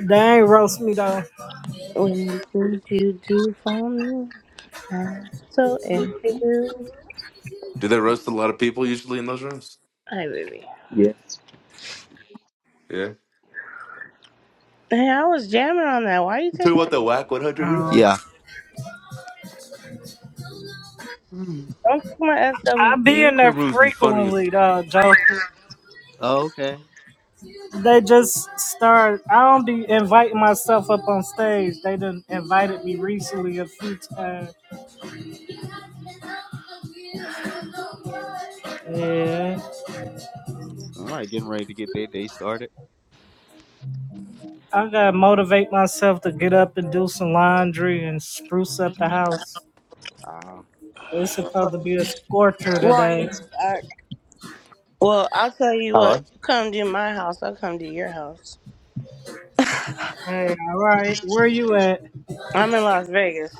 J: They ain't roast me though.
G: When did you do for me? I'm so into you.
H: Do they roast a lot of people usually in those rooms?
G: Hey, baby.
K: Yes.
H: Yeah.
G: Hey, I was jamming on that. Why you
H: You
G: take
H: talking about
G: that?
H: the whack 100 rooms?
J: Um,
K: Yeah.
H: Mm.
G: Don't take my
J: I be
G: SWB.
J: in
H: The
J: there
H: rooms be funny as
J: frequently though, Joe.
K: Oh, okay.
J: They just start. I don't be inviting myself up on stage. They done invited me recently a few times. Yeah.
K: Somebody getting ready to get their day started.
J: I gotta motivate myself to get up and do some laundry and spruce up the house.
K: Um,
J: It's supposed to be a scorcher today.
I: Ryan's back.
G: Well, I'll tell you what.
D: Hello,
G: You come to my house, I'll come to your house.
J: Hey, all right, where you at?
G: I'm in Las Vegas.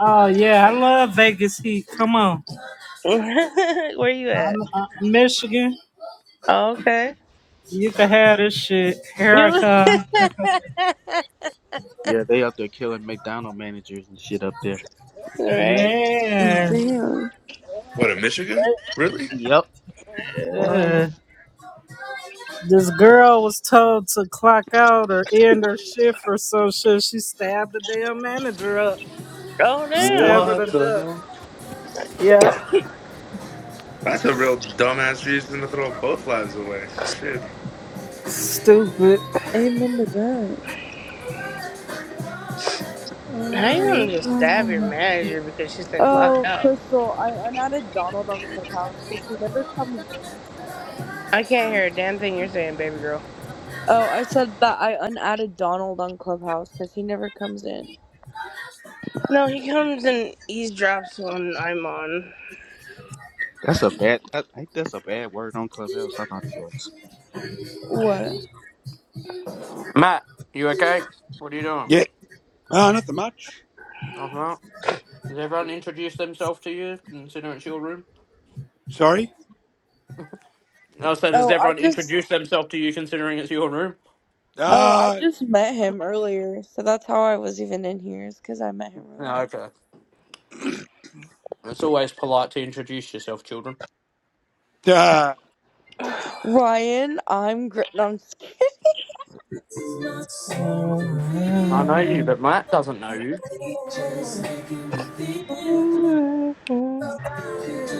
J: Oh yeah, I love Vegas heat. Come on,
G: (laughs) Where you at?
J: I'm uh, Michigan.
G: Oh, okay.
J: You can have this shit. Here I
G: You (laughs)
J: come,
K: yeah, they up there killing McDonald managers and shit up there.
G: right?
J: man.
I: Damn.
H: what in Michigan? Really?
K: Yep.
H: What?
J: Yeah. This girl was told to clock out or end her shift or some shit. She stabbed the damn manager up.
G: Oh,
J: Stabbed
G: damn.
J: her to
H: What the
J: death.
H: hell?
J: Yeah.
H: That's a real dumbass reason to throw both lives away. Shit.
J: Stupid.
I: Amen to that.
G: How you gonna just stab your manager because she said clock
I: Oh,
G: out?
I: Crystal, I unadded Donald on Clubhouse because he never comes in. So.
G: I can't hear a damn thing you're saying, baby girl.
I: Oh, I said that I unadded Donald on Clubhouse because he never comes in.
G: No, he comes and eavesdrops when I'm on.
K: That's a bad, I think that's a bad word on Clubhouse. I thought it was.
I: What?
D: Matt. You okay? What are you doing?
A: Yeah. Uh, nothing much.
D: Nothing. out. Has everyone introduced themselves to you, considering it's your room?
A: Sorry.
D: Oh, so does
I: Oh, I
D: everyone
I: just
D: introduce themselves to you, considering it's your room?
I: Oh, I
A: Uh,
I: just met him earlier, so that's how I was even in here, is because I met him
D: Oh,
I: earlier.
D: okay. It's always polite to introduce yourself, children.
A: uh,
I: Ryan, I'm great. No, I'm just (laughs) kidding.
D: I know you, but Matt doesn't know you.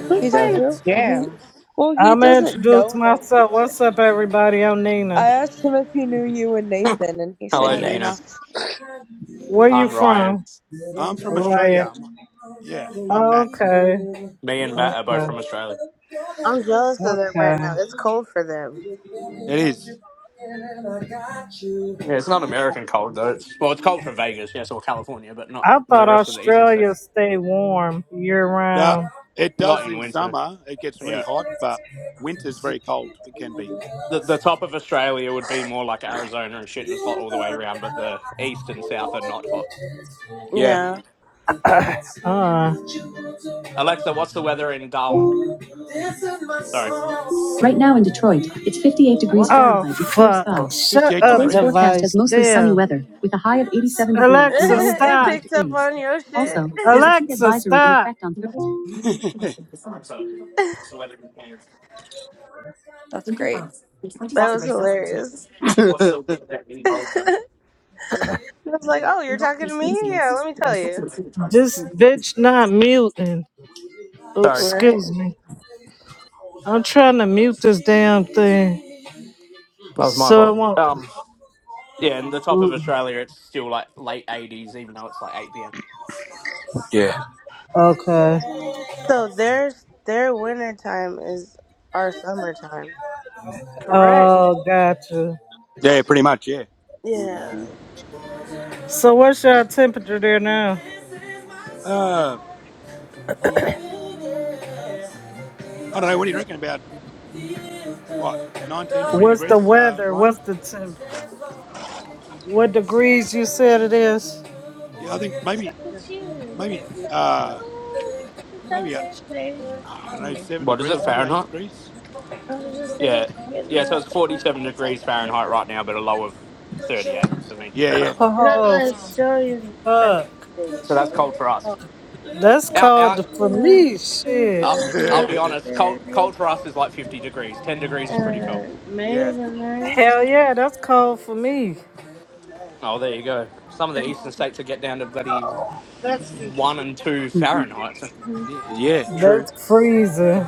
G: Who's
I: He
G: playing
I: does real. He,
G: jams?
I: well,
J: i
I: he
J: am going
I: doesn't
J: introduce
I: know Nomi,
J: myself.
I: but
J: What's up, everybody? I'm Nina.
I: I asked him if he knew you and Nathan, and he said
D: Hello,
A: hi
D: Nina.
A: Nina.
I: yes. So
J: Where you
D: I'm Ryan.
J: from?
A: I'm from
J: Right.
A: Australia. I'm, yeah, I'm Matt.
J: Okay.
D: Me and
A: Yeah.
D: Matt are both
J: Okay.
D: from Australia.
G: I'm jealous of them right now.
J: Okay.
G: It's cold for them.
A: It is.
D: Yeah, it's not American cold though. It's well, it's cold for Vegas, yes, or California, but not
J: I
D: the
J: thought
D: rest of the eastern
J: Australia
D: states.
J: stay warm year
A: Uh,
J: round.
A: it
D: Not
A: does
D: in
A: in
D: winter.
A: summer. It gets really
D: Yeah,
A: hot, but winter's very cold. It can be.
D: the the top of Australia would be more like Arizona and shit, and it's hot all the way around. But the east and south are not hot.
A: Yeah,
G: Yeah.
J: Uh.
D: Alexa, what's the weather in Darwin? Sorry.
J: Right now in Detroit, it's 58 degrees oh,
D: What?
J: Fahrenheit with clear fuck.
D: Oh,
J: skies. Shut
A: 58
J: up, Today's
D: Alexa.
J: forecast
A: degrees.
J: has device. mostly sunny Damn. weather with a high of 87 degrees and a
G: (laughs)
J: Alexa, low of
G: it
J: stop. 58
G: picked up
J: degrees.
G: on your
J: Also,
G: shit.
J: there's
G: (laughs)
J: a heat Alexa, advisory in stop. effect on Thursday.
A: (laughs)
D: Alexa, what's the weather in Canberra?
I: that's great.
G: That was hilarious.
D: What's the what
K: (laughs)
D: that
G: (laughs)
D: mean? Old
G: I
D: folks.
G: was like, oh, you're talking to me? Yeah, let me tell you.
J: This bitch not muting. Oops,
D: Sorry,
G: Right?
J: excuse me. I'm trying to mute this damn thing
D: that was my
J: so it
D: fault.
J: won't.
D: Um, yeah, in the top of Australia, it's still like late eighties, even though it's like eight pm.
A: yeah.
J: Okay.
G: So their their winter time is our summertime.
D: Correct.
J: Oh, gotcha.
A: Yeah, pretty much. Yeah.
G: Yeah.
K: hmm
J: So, what's your temperature there now?
A: Uh, I don't know. What do you reckon about what 19, 20
J: What's the
A: degrees, uh,
J: weather?
A: Ryan?
J: What's the temp? What degrees you said it is?
A: Yeah, I think maybe,
G: Look at you, right
A: maybe,
G: inside. it.
A: uh,
G: Oh, look at you
A: maybe, uh,
G: downstairs today.
A: I don't know, seven
D: What is it
A: degrees, maybe eight
D: Fahrenheit?
A: degrees.
G: I was just thinking
D: Yeah,
G: of getting
D: yeah. So
G: another
D: it's
G: one.
D: forty-seven
G: I was like,
D: degrees
G: that was
D: Fahrenheit
G: good.
D: right now, but a low of thirty-eight for me.
A: Yeah, yeah.
G: not my
J: Oh,
G: Australian friend.
J: fuck.
G: thing.
D: So that's cold for
G: Oh,
D: us.
J: That's
D: Out, out.
J: cold for
G: uh,
J: me. Shit.
D: Uh,
G: Cynthia,
D: I'll be
A: (laughs)
D: honest. Cold,
G: Master,
D: cold for us is like fifty degrees. Ten degrees is pretty cold.
G: uh,
A: yeah.
G: Maze in there.
J: Hell yeah, that's cold for me.
D: Oh, there you go. Some of the eastern states will get down to bloody
G: That's the
D: one and two Fahrenheit. So.
G: Mhm.
A: Yeah, yeah, true.
J: That's freezing.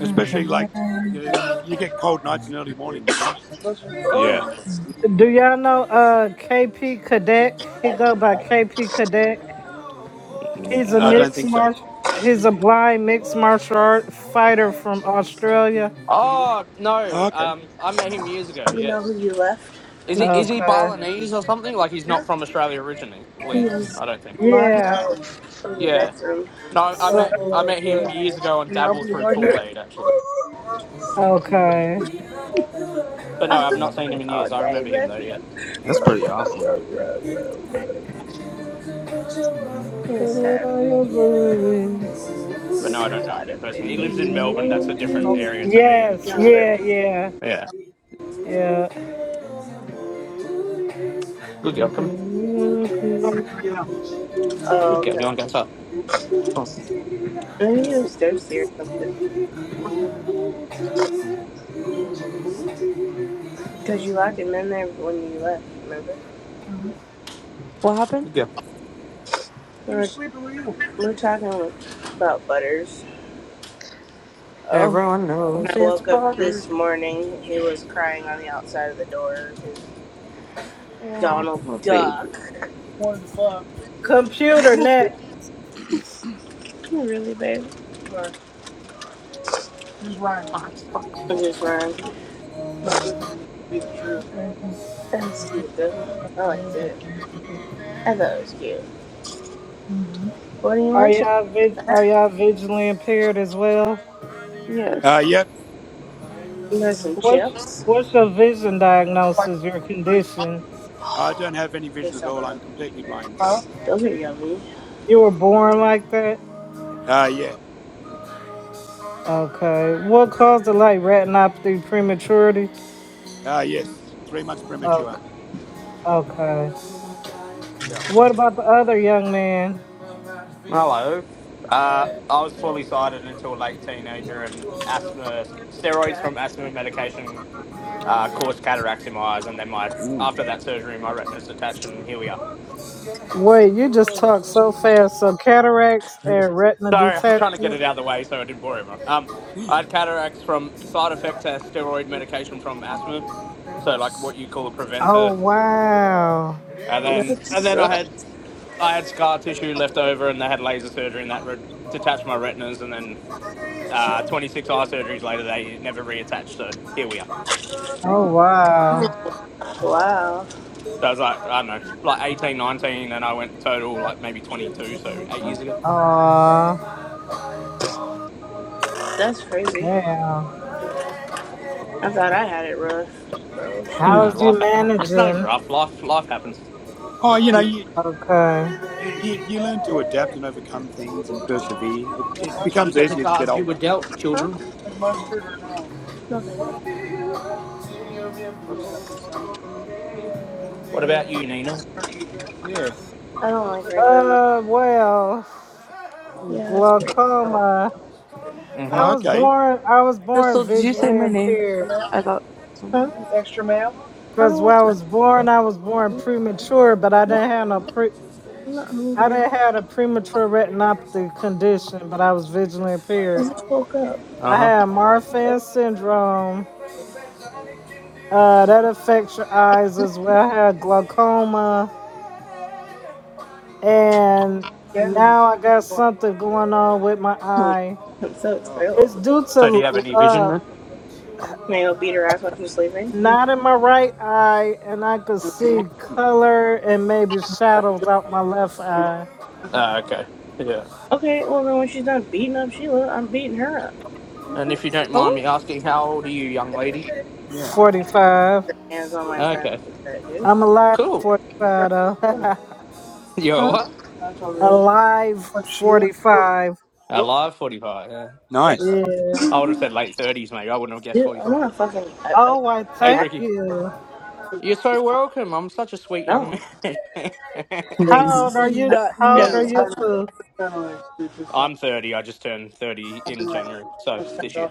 A: Especially like, you know, you get cold nights and early mornings, you know?
G: those
D: Yeah.
G: Oh,
J: Do y'all know uh KP Cadet? He
G: that,
J: go by KP Cadet. He's a
A: Uh, I
D: No.
A: don't
J: mixed
A: think so.
J: martial he's a blind mixed martial art fighter from Australia.
D: Oh no,
A: Oh, okay.
D: um, I met him years ago.
G: you know who
D: Yes,
G: you left?
D: is he is he
J: Okay.
D: Balinese or something? Like he's not
G: Yeah.
D: from Australia originally.
G: He was
D: I don't think.
G: locked
J: Yeah.
G: out of the
D: Yeah,
G: bedroom.
D: no, I
G: So,
D: met
J: Something
D: I
J: like
D: met him
J: that.
G: uh,
D: years ago on
G: And I
D: Dabble
G: opened the
D: through
G: door. He was
D: Kool
G: like,
D: Aid actually.
G: (laughs)
J: Okay.
D: But no,
G: I
D: I've
G: was
D: not seen him
G: like,
D: in
G: all
D: years. I
G: day,
D: remember him though. Yeah,
G: nephew.
K: That's pretty awesome right there.
G: (laughs) He said
D: but
G: he
D: no, I don't know
G: forgot
D: him
G: it,
D: in person. He
G: maybe.
D: lives in Melbourne. That's a different
G: Nope.
D: area to me and
J: Yes,
G: Yeah, on
D: Matt.
J: yeah,
G: purpose.
D: Yeah,
G: Sorry,
J: yeah,
D: good girl. Come,
J: yeah.
G: right now. Oh,
D: good girl. You want
G: okay.
D: to go up?
G: Maybe he was thirsty or something. Because you locked him in there when you left, remember?
I: What happened?
D: Good girl.
G: We were talking about Butters.
I: Oh,
G: When I woke up this morning, he was crying on the outside of the door because
I: oh,
G: Donald
I: poor baby.
G: Duck.
J: Computer net.
G: Really, babe? I just ran. That was cute, though. I liked it. I thought it was cute. What do you
J: Are
G: munching
J: y'all vi-
G: on?
J: are y'all visually impaired as well?
A: Uh,
I: Yes.
A: yep.
G: You got some
J: What's
G: chips?
J: what's your vision diagnosis, your condition?
A: I don't have any vision
G: There's
A: at
G: some
A: all.
G: yum.
A: I'm completely blind.
G: Those are yummy.
J: You were born like that?
A: Uh, yeah.
J: Okay. What caused it like retinopathy prematurity?
A: Uh, yes. Three months premature.
J: Okay. Okay.
A: Yeah.
J: What about the other young man?
D: Hello. Uh, I was fully sighted until late teenager, and asthma steroids from asthma medication uh, caused cataracts in my eyes, and then my
K: Mhm.
D: after that surgery, my retina's detached, and here we are.
J: Wait, you just talked so fast. So cataracts
D: (laughs)
J: and retina
D: Sorry, I was trying to get
J: detachment?
D: it out of the way so I didn't bore everyone. Um, I had cataracts from side effect to steroid medication from asthma, so like what you call a
J: Oh
D: preventer,
J: wow.
D: and
G: That
D: then and then I
G: sucks.
D: had I had scar tissue left over, and they had laser surgery, and that re- detached my retinas, and then uh, 26 eye surgeries later, they never reattached. So here we are.
K: Damn.
J: Oh
G: Ugh,
J: wow.
G: Wow,
D: So I was like, I don't know, like 18, 19, and I went total like maybe 22, so eight
A: Mm,
D: years ago.
J: Aw.
G: that's crazy.
J: Damn.
G: I thought I had it rough, bro. Shit.
D: No,
A: mm.
J: How's
D: life.
J: you
D: ha- oh, It's nothing
J: managing?
D: rough. Life, life happens.
A: Oh, you know, you,
J: Okay.
A: you you learn to adapt and overcome things and persevere. It, it
D: You
A: becomes
D: get the
A: easier as you get
D: cards you were
A: older.
D: dealt,
G: Huh?
D: children.
G: No, thank you.
D: What's, what about you, Nina?
A: Yeah.
G: I don't like regular milk.
J: Uh well,
G: Yeah, that's great.
J: glaucoma. I
D: Mm-hmm.
A: Oh,
J: was
A: okay.
J: born I was born
I: Crystal, did you say
J: visually
I: my name?
J: impaired.
I: I thought someone
G: Huh?
I: did.
G: I don't
J: Because when I
G: want
J: was born,
G: nothing.
J: I was born premature, but I didn't have no pre.
G: I'm not
J: I
G: hungry.
J: didn't have a premature retinopathy condition, but I was visually
G: I
J: impaired.
G: just woke up.
D: Uh
J: I
D: huh.
J: had
G: Right?
J: Marfan syndrome. Uh, that affects your eyes as well. I had glaucoma, and now I got something going on with my
G: I'm
J: eye.
G: I'm so
A: Oh,
G: excited.
J: It's due
D: So, do you have
J: to
D: any vision?
J: uh,
D: Rick?
G: Can I go beat her ass while she's sleeping?
J: not in my right eye, and I could see color and maybe shadows out my left eye.
D: Uh, okay. Yeah.
G: Okay, well then when she's done beating up Sheila, I'm beating her up.
D: And if you don't mind
I: Oh,
D: me asking, how old are you, young lady?
A: yeah.
J: Forty-five.
G: Hands on my friend
D: Okay.
G: like that, dude.
J: I'm alive
D: Cool.
J: 45 though.
D: (laughs) You're
G: Huh?
D: what?
J: (laughs) alive 45.
D: Alive, forty-five. Yeah.
G: What?
A: Nice.
J: Yeah.
D: I would have said late thirties, mate. I wouldn't have guessed
G: Dude, I
D: forty-five.
G: want to fucking. I,
J: Oh, I
D: Hey,
G: I,
J: thank
D: Ricky.
J: you.
D: You're so welcome. I'm such a sweet
G: no.
D: young man. (laughs)
G: Like,
J: How old are you?
G: I,
I: that
J: How old
I: no.
J: are you? Too?
D: I'm thirty. I just turned thirty in January, so this year.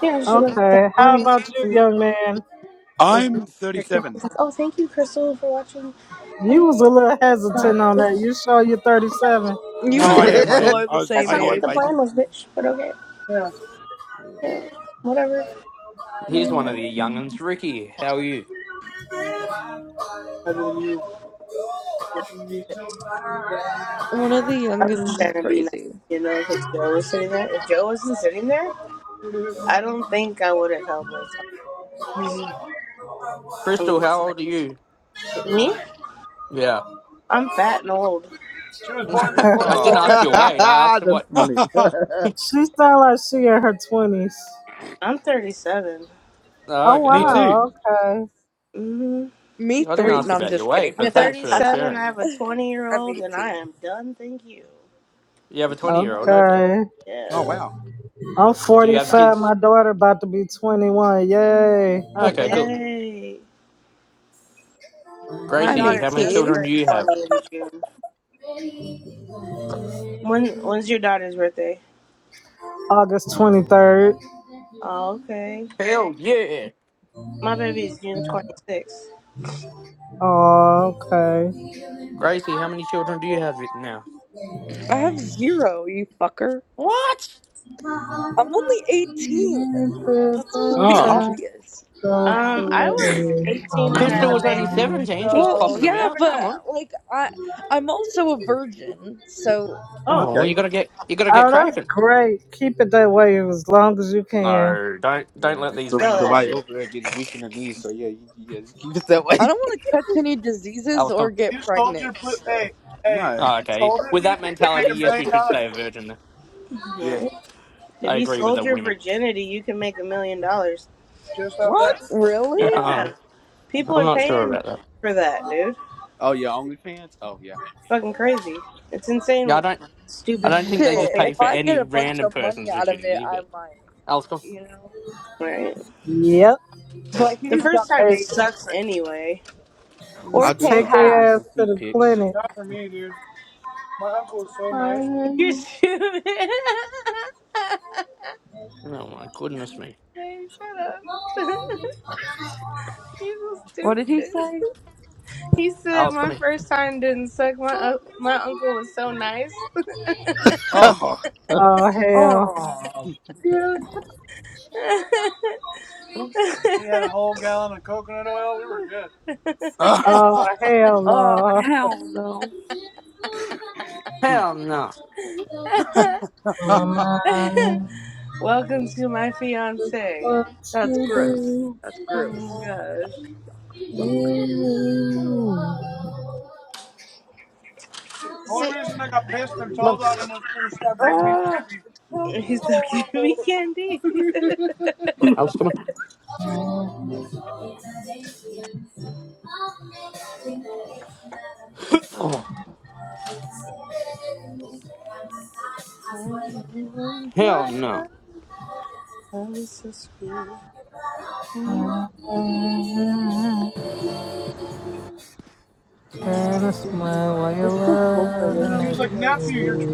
G: yeah, she left that
J: Okay. How
G: morning.
J: about you, young man?
G: was
A: I'm
G: her kid. She's
A: 37.
G: like, oh, thank you, Crystal, for watching.
J: You
G: Oh,
J: was a little hesitant on
G: God.
J: that. You show you're 37.
I: You
A: No,
I: and
A: I
D: (laughs)
A: am. I
I: Crystal
K: Damn. (laughs)
A: am.
I: are
A: I
I: the
A: was
G: That's
I: same
G: not what
A: 88,
G: the
I: age.
G: plan
A: baby.
G: was, bitch. But okay, you
K: Yeah.
G: know, whatever.
D: Here's one of the young'uns. Ricky, how are you?
I: One of the
G: I was
I: youngins
G: just
I: is
G: trying to be nice,
I: crazy.
G: you know, because Joe was sitting there. If Joe wasn't sitting there, I don't think I would have held my tongue.
D: Crystal,
G: I'm just
D: how
G: like,
D: old are you?
G: me?
D: Yeah.
G: I'm fat and old.
D: (laughs) I didn't
A: Oh,
D: ask your
K: (laughs)
D: weight. I asked
K: That's
D: what.
K: funny.
A: (laughs)
K: (laughs)
J: She sound like she in her 20s.
G: I'm 37.
D: Oh,
J: Oh
D: okay.
A: me
D: Well,
A: too.
J: wow. Okay.
G: Mm-hmm.
I: Me
D: I didn't
G: 30,
I: three.
D: ask
I: No, I'm
D: about your
I: just kidding.
D: weight,
G: I'm
D: but
I: (laughs)
D: thanks
I: I'm
D: for
G: 37. I
D: sharing.
G: have a 20 year old, and I
I: 18.
G: am done. Thank you.
D: You have a 20 year old. Okay.
J: Okay.
A: Oh,
G: Yeah.
A: wow.
J: I'm
D: Do you have
J: 45.
D: kids?
J: My daughter about to be 21. Yay.
D: Okay, cool.
G: Yay. My
I: I'm
D: Gracie,
G: daughter
D: how many
G: just
I: 18.
D: children do
G: turned
D: you have?
G: 20 in June. When when's your daughter's birthday?
J: August 23rd.
G: Oh, okay.
D: Hell yeah.
G: My baby is June twenty sixth.
J: Oh, okay.
D: Gracie, how many children do you have now?
I: I have zero, you fucker.
D: What?
I: I'm only
J: Oh,
I: 18. That should
D: Oh,
I: be
D: yeah.
A: Oh,
I: obvious.
G: Um, I was eighteen and had
D: Crystal
G: a
D: was only
G: baby,
D: 17. She was
I: Well,
G: so
D: popping them
G: you
I: yeah,
G: never
D: out.
I: but
G: know.
D: Come on.
I: like I, I'm also a virgin, so
D: Oh,
G: Oh,
D: well, you
A: okay.
D: gotta get, you gotta get
J: Oh, that's
D: cracking.
J: great. Keep it that way as long as you can.
D: No, don't, don't
K: Yeah,
D: let these
K: so
G: sell
D: women
G: that
D: lie to
K: somebody
D: you.
G: shit.
K: over there getting weak in the knees. So yeah, you, you guys keep it that way.
I: I
K: (laughs)
I: don't want to catch any
D: I
I: diseases
D: was
I: or get pregnant. So
A: No.
D: Oh, okay. With that mentality, yes, you should stay a virgin. then.
A: Yeah.
G: Right? If
D: I
G: you
D: agree with
G: sold
D: the
G: your
D: women.
G: virginity, you can make a million dollars.
K: What?
D: (laughs)
I: really,
D: I'm
G: Yeah, people are
D: not sure
G: paying
D: about that.
G: for that, dude. It's
K: Oh yeah, OnlyFans. Oh yeah,
G: fucking crazy. It's insane.
D: Yeah, I
G: What
D: don't. I
G: stupid
D: don't think they
G: people
I: shit.
D: just
G: think.
D: pay
I: If
D: for
I: I get a
D: any
I: bunch
D: random
I: of money
D: person's
I: out of it,
D: virginity.
I: I
D: But
I: might.
D: Alice, come.
I: You know.
G: Right?
J: Yep.
I: But
G: The
I: he's
G: first
I: gotta
G: time
J: Hey,
I: pay me
G: sucks
I: first.
G: anyway.
I: Or
K: I'll
J: just
K: do
I: pay
K: some.
J: take
K: I'll
I: half.
K: do
J: their ass
K: some
J: to
K: feet
J: the
K: pics.
J: clinic.
G: (laughs) You're
J: Oh,
G: stupid. (laughs)
D: Oh my goodness me,
G: Babe, shut up. (laughs) He's so
I: What did he
G: stupid.
I: say?
G: He said
D: Alice, come
G: my first time didn't suck. My un- my uncle was so nice.
K: (laughs)
A: Oh.
J: hell.
I: Oh, dude.
D: here.
J: Oh, hell
I: Oh,
J: no.
I: hell no.
D: Hell no.
J: On my
G: (laughs)
J: mind
G: Welcome to my fiance.
I: That's gross.
J: today.
I: That's
G: Oh
I: gross.
G: my gosh,
D: Come on,
I: Ah, it's so
G: he's so cute. (laughs) We
I: cold.
G: candy. (laughs)
D: Alice, come on. Oh,
G: I love
D: hell
G: my
D: no.
G: love Love is so sweet. I love you.
J: That is my way
I: It's too cold for
J: of
G: (laughs)
I: this.
J: loving it.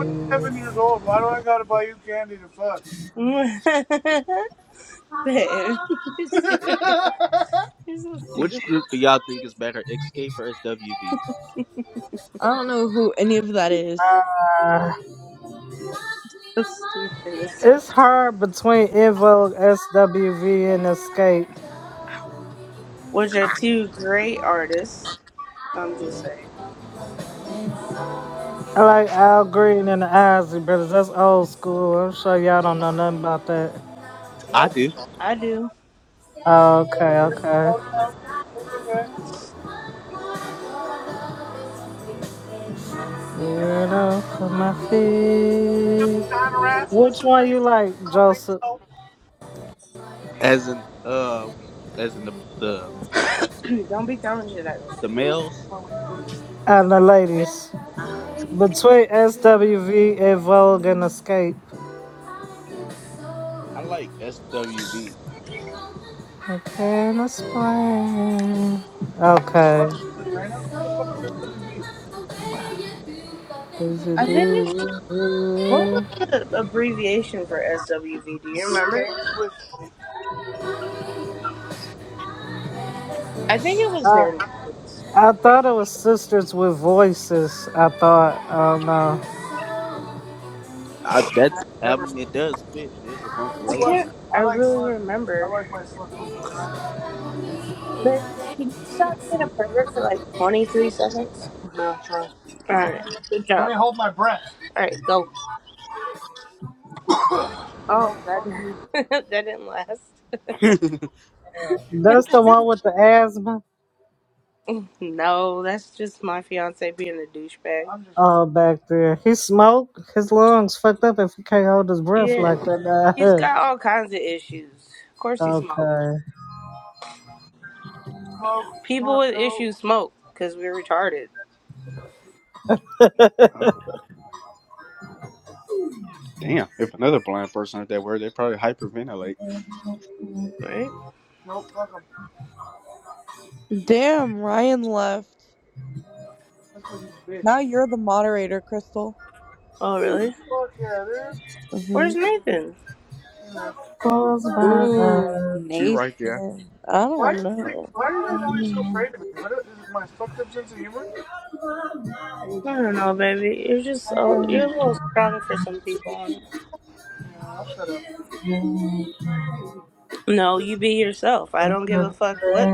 G: Babe, (laughs) you're so you're so stupid.
K: Which group do y'all think is better, Escape or SWV?
I: I don't know who any of that is.
J: Uh,
G: So stupid.
J: it's hard between Invoke, SWV, and Escape.
G: Which
A: (laughs) (laughs)
G: are two great artists. I'm just saying.
J: I like Al Green and the Isley Brothers. That's old school. I'm sure y'all don't know nothing about that.
K: I do.
G: I do.
J: Oh, Okay, okay. Get off of my feet. Which one you like, Joseph?
K: As in, uh, as in the the
G: (clears throat) Don't be throwing shit at me.
K: the males,
J: And the ladies. Between SWV, Invoke, and Escape.
K: I like SWV.
J: Okay, let's play. Okay. Is it
G: I think it's what was the abbreviation for SWVD? I think it was
J: I,
G: Dirty Things.
J: I thought it was sisters with voices. I thought, oh no.
K: I that I mean, it does fit. It is a bunch of ladies.
G: Remember, but can you stop being a pervert for like twenty three seconds? All right, good job. All right, go. Oh, that (laughs) that didn't last.
K: (laughs) oh
J: That's the one with the asthma.
G: No, that's just my fiance being a douchebag.
J: Oh, back there. He smoked. His lungs fucked up if he can't hold his breath
G: Yeah,
J: like
G: he's
J: that.
G: got all kinds of issues. Of
J: (laughs)
G: course, he smoked.
J: okay.
G: People who smoke because we're retarded,
J: (laughs)
K: damn! If another blind person heard that word, they probably hyperventilate.
G: right?
I: Damn, Ryan left. Now you're the moderator, Crystal.
G: Oh, really?
I: Mm-hmm.
G: Where's Nathan?
J: Close
I: Ooh,
J: my
K: She right there.
I: Nathan. I don't know.
G: I don't know, baby. You're just uh, you're a
J: eyes.
G: little strong for some people. No, you be yourself. I don't give a fuck what.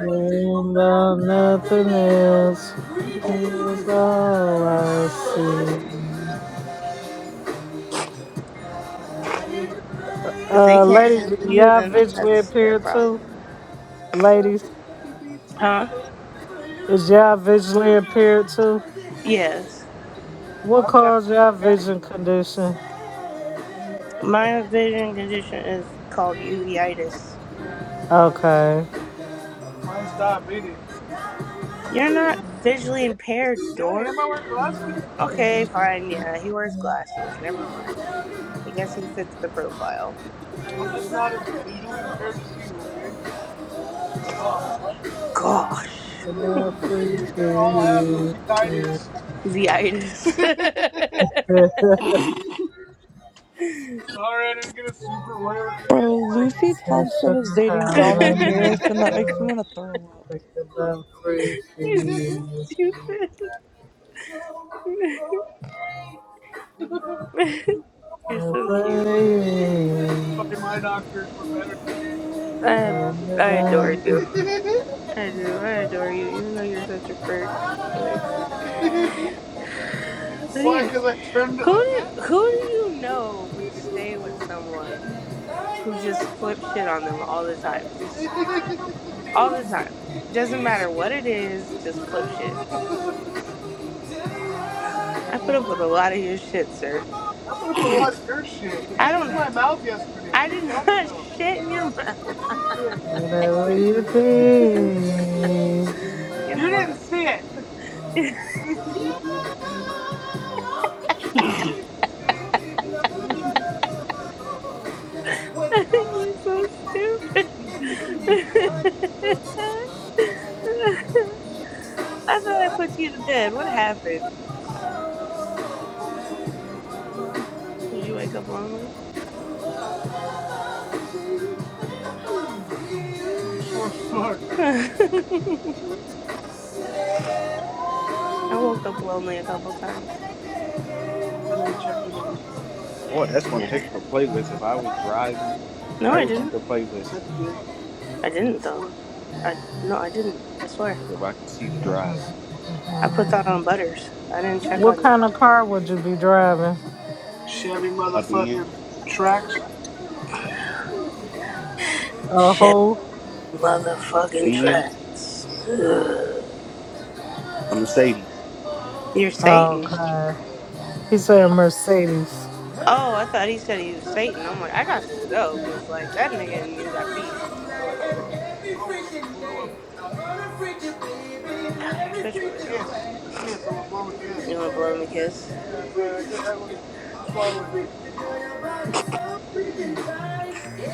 J: Worrying about nothing else. It's all I see.
G: If they
J: Uh,
G: can't
J: ladies,
G: handle you,
J: y'all
G: then
J: visually
G: that's their
J: impaired too?
G: problem.
J: Ladies, is y'all visually impaired too?
G: Yes,
J: What caused y'all vision condition?
G: my vision condition is called uveitis.
J: Okay.
G: You're not visually impaired. Okay, fine. Yeah, he wears glasses. Never mind. I guess he fits the profile. Gosh, uveitis.
I: Bro, Lucy Thompson is dating Donald Miras, and that makes me want to throw up.
G: (laughs) You're so stupid. (laughs) You're so cute. I I adore
J: (laughs)
G: you. I do. I adore you, even though you're such a prick. Like, who do you know would stay with someone who just flips shit on them all the time? Just all the time. Doesn't matter what it is, just flip shit. I put up with a lot of your shit, sir. Shit in your mouth. (laughs)
K: (laughs)
G: you're so stupid. (laughs) I thought I put you to bed. What happened? Did you wake up lonely? (laughs) I woke up lonely a couple times.
K: Boy, that's one
G: Yeah.
K: heck of a playlist. If I was driving,
G: No,
K: that
G: I
K: would be
G: didn't.
K: the playlist.
G: I didn't though. I, no, I didn't. I swear.
K: If I could see the drive.
G: I put that on butters. I didn't check
J: What
G: on you.
J: kind of car would you be driving?
K: A Benz,
J: A
G: Shit,
J: whole?
G: motherfucking
K: Benz,
G: tracks. Ugh.
K: a Mercedes.
G: You're
J: Oh,
G: Satan.
J: God. He said a Mercedes.
G: Oh, I thought he said he was Satan. I'm like, I got to go because like that nigga and me got beef. (sighs) You're such a weird. You want to blow him a kiss?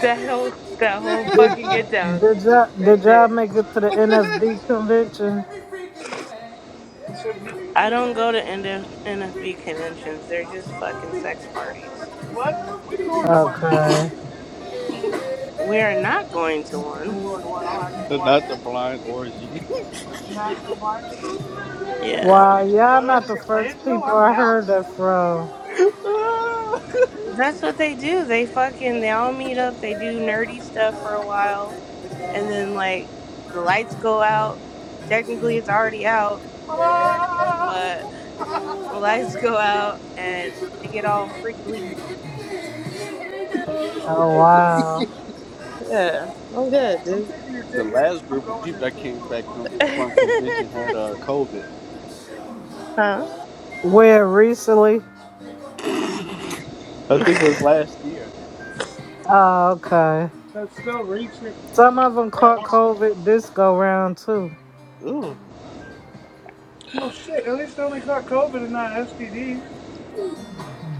G: That whole that whole
J: Did,
G: (laughs) get down
J: did y'all
G: right
J: did y'all
G: there.
J: make it to the NSD convention?
G: I don't go to NFB conventions. They're just fucking sex parties.
J: Okay.
G: We are not going to one.
K: But Not the blind orgy.
G: Yeah.
J: Wow, y'all not the first people I heard that from.
K: (laughs)
G: That's what they do. They fucking they all meet up, they do nerdy stuff for a while, and then like the lights go out. Technically it's already out, but the lights go out and they get all freaking leaked.
J: Oh wow.
G: Yeah. I'm good.
K: the last group of people that came back from,
G: dude.
K: from convention had uh, COVID.
G: (laughs) huh?
J: Where recently?
K: I
G: (laughs)
K: think it was last year.
J: Oh, okay. Some of them caught COVID this go round too.
K: Ooh.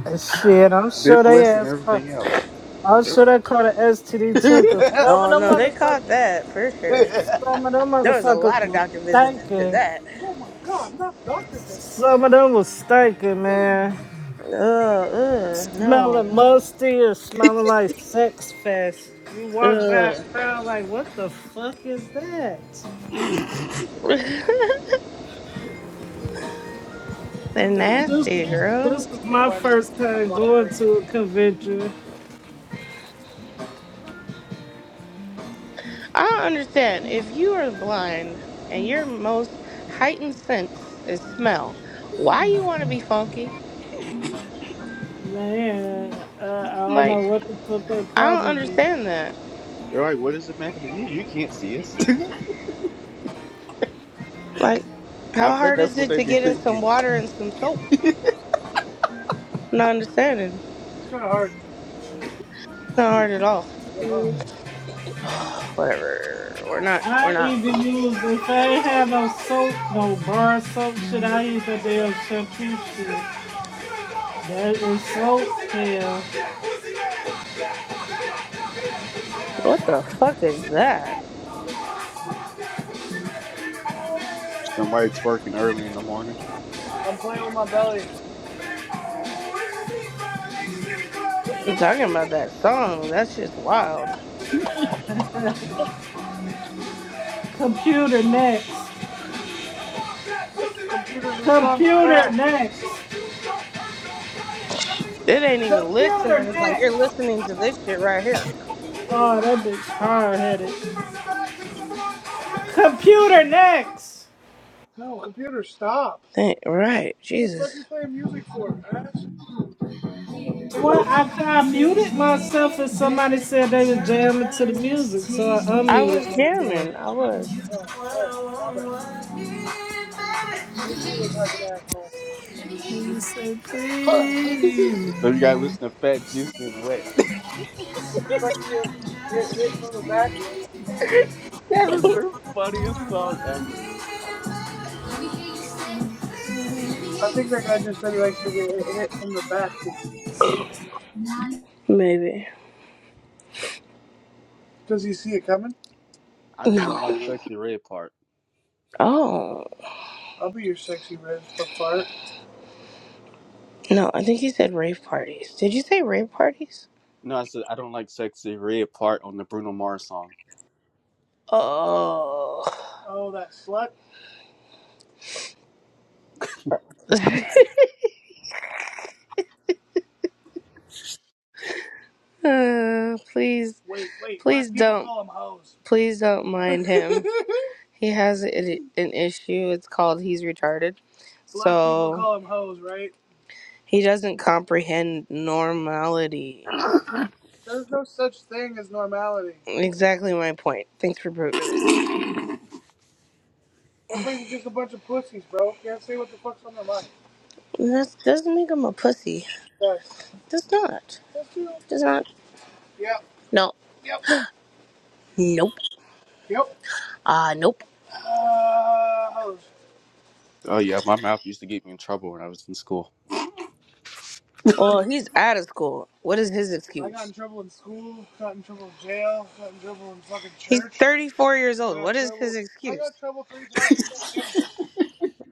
J: And shit, I'm sure they
K: Syphilis and
J: asked.
K: everything else.
J: I'm sure they caught an
K: (laughs)
J: STD too, cause some of
G: oh
J: them
G: no, they
J: motherfuckers,
G: caught that for sure.
J: some of
K: They're
J: them
G: There was a lot
J: motherfuckers
G: of
J: were
G: doctor visits after
J: stinking.
G: that.
J: Some of them was stinking, man.
G: Ugh, ugh, no.
J: Smelling musty or smelling like sex fest. You walk back,
G: Ugh.
J: crowd like, what the fuck is that?
G: (laughs) They're
J: This
G: nasty, girl.
J: this is my first time going to a convention.
G: I don't understand if you are blind and your most heightened sense is smell, why you want to be funky?
J: Man, uh, I don't
G: Like,
J: know what to put that
G: I don't
J: problem is.
G: understand that.
K: like, what does it matter to you? You can't see us.
G: Like,
K: (laughs) I
G: how
K: bet
G: hard is
K: that's what
G: it
K: they
G: to
K: be
G: get in some
K: thinking.
G: water and some soap? Not understanding. It's not hard at all. (sighs) Whatever. We're not. We're
J: I
G: not.
J: even use if I ain't have no soap, no bar soap, shit. I use the damn shampoo shit. That is soap hell.
G: What the fuck is that?
K: Somebody twerking early in the morning.
G: I'm talking about that song. That's just wild.
J: Computer next. Computer next.
G: It ain't even
J: Computer
G: listening. It's like
J: next.
G: you're listening to this shit right here.
J: Oh, that bitch hard headed. Computer next.
G: Think- Right. Jesus.
J: Well, I, I muted myself and somebody said they was jamming to the music, so I
G: I was
J: unmuted myself.
G: jamming. I was.
J: It's so pretty.
K: Then you gotta listen to Fat Juicy and Wet. (laughs) that is the funniest song ever.
G: Maybe.
K: I just don't
G: No.
K: like Sexy Red part.
G: Oh. No, I think you said rave parties. Did you say rave parties?
K: No, I said I don't like Sexy Red part on the Bruno Mars song.
G: Oh. (laughs) Uh, please, please don't mind him. (laughs) He has an, an issue. It's called he's retarded. He doesn't comprehend normality. Exactly my point. Thanks for proving it. That doesn't make him a pussy. Does not. Does not. No. Nope. Uh, nope.
K: Oh yeah, my mouth used to get me in trouble when I was in school.
G: Well, he's out of school. What is his excuse? 34 years old.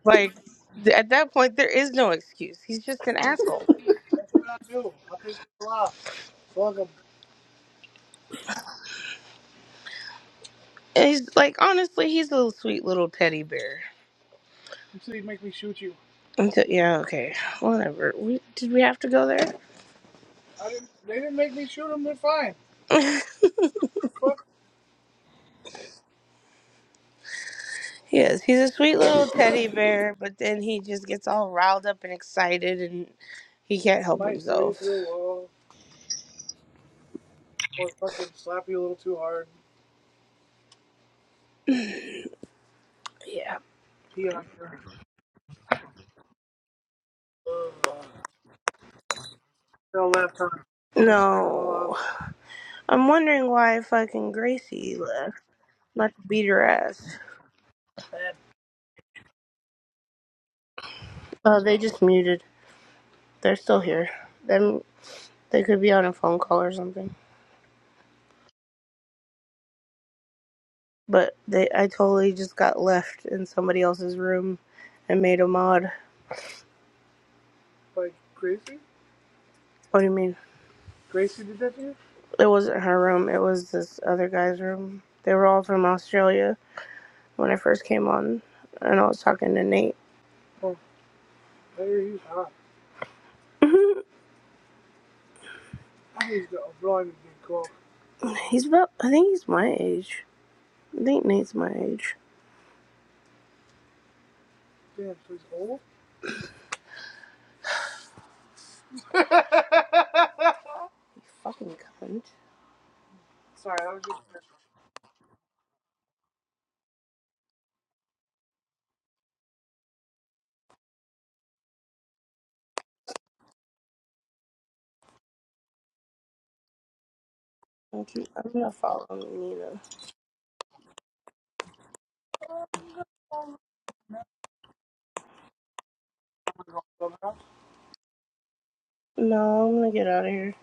G: Like th- at that point, there is no excuse. He's just an. a- He's like honestly, he's a little sweet little teddy bear. Until yeah, okay, whatever. We did we have to go there? (laughs) yes, he's a sweet little teddy bear, but then he just gets all riled up and excited, and he can't help. It. Yeah. No, I'm wondering why fucking Gracie left. Not to beat her ass. Oh, they just muted. They're still here. Them. They could be on a phone call or something. but they I totally just got left in somebody else's room and made a mod. What do you mean? It wasn't her room, it was this other guy's room. They were all from Australia when I first came on and I was talking to Nate. (laughs) Mhm. he's about I think he's my age. I think Nate's my age. Fucking cunt. I'll keep- I'm gonna follow him, Nina. No, I'm gonna get out of here.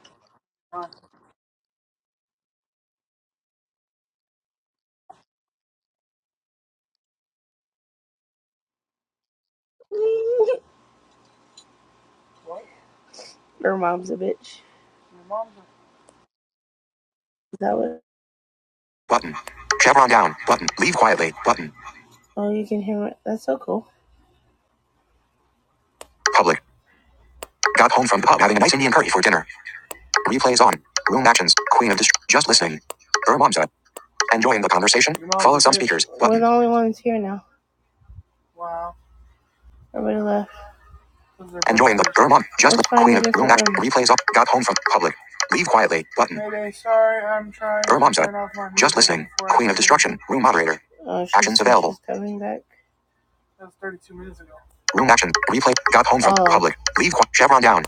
G: (laughs) her mom's a bitch. Is that what? Button. Chevron down. Button. Leave quietly. Button. Oh, you can hear it. That's so cool. Public. Got home from the pub having a nice Indian curry for dinner. Replays on. Room actions. Queen of Dist- Just listening. Bermamza. Enjoying the conversation. Follow some speakers. Button. We're the only ones here now. Everybody left. Enjoying the Bermam. Just let Queen of Room action. Replays on. Got home from public. Leave quietly. Button. Mayday, sorry, I'm trying. Bermamza. Just listening. Queen of Destruction. Room moderator. Oh, she's- Actions available. She's coming back. Room action. Replay. Got home from Oh. public. Leave qui- Chevron down.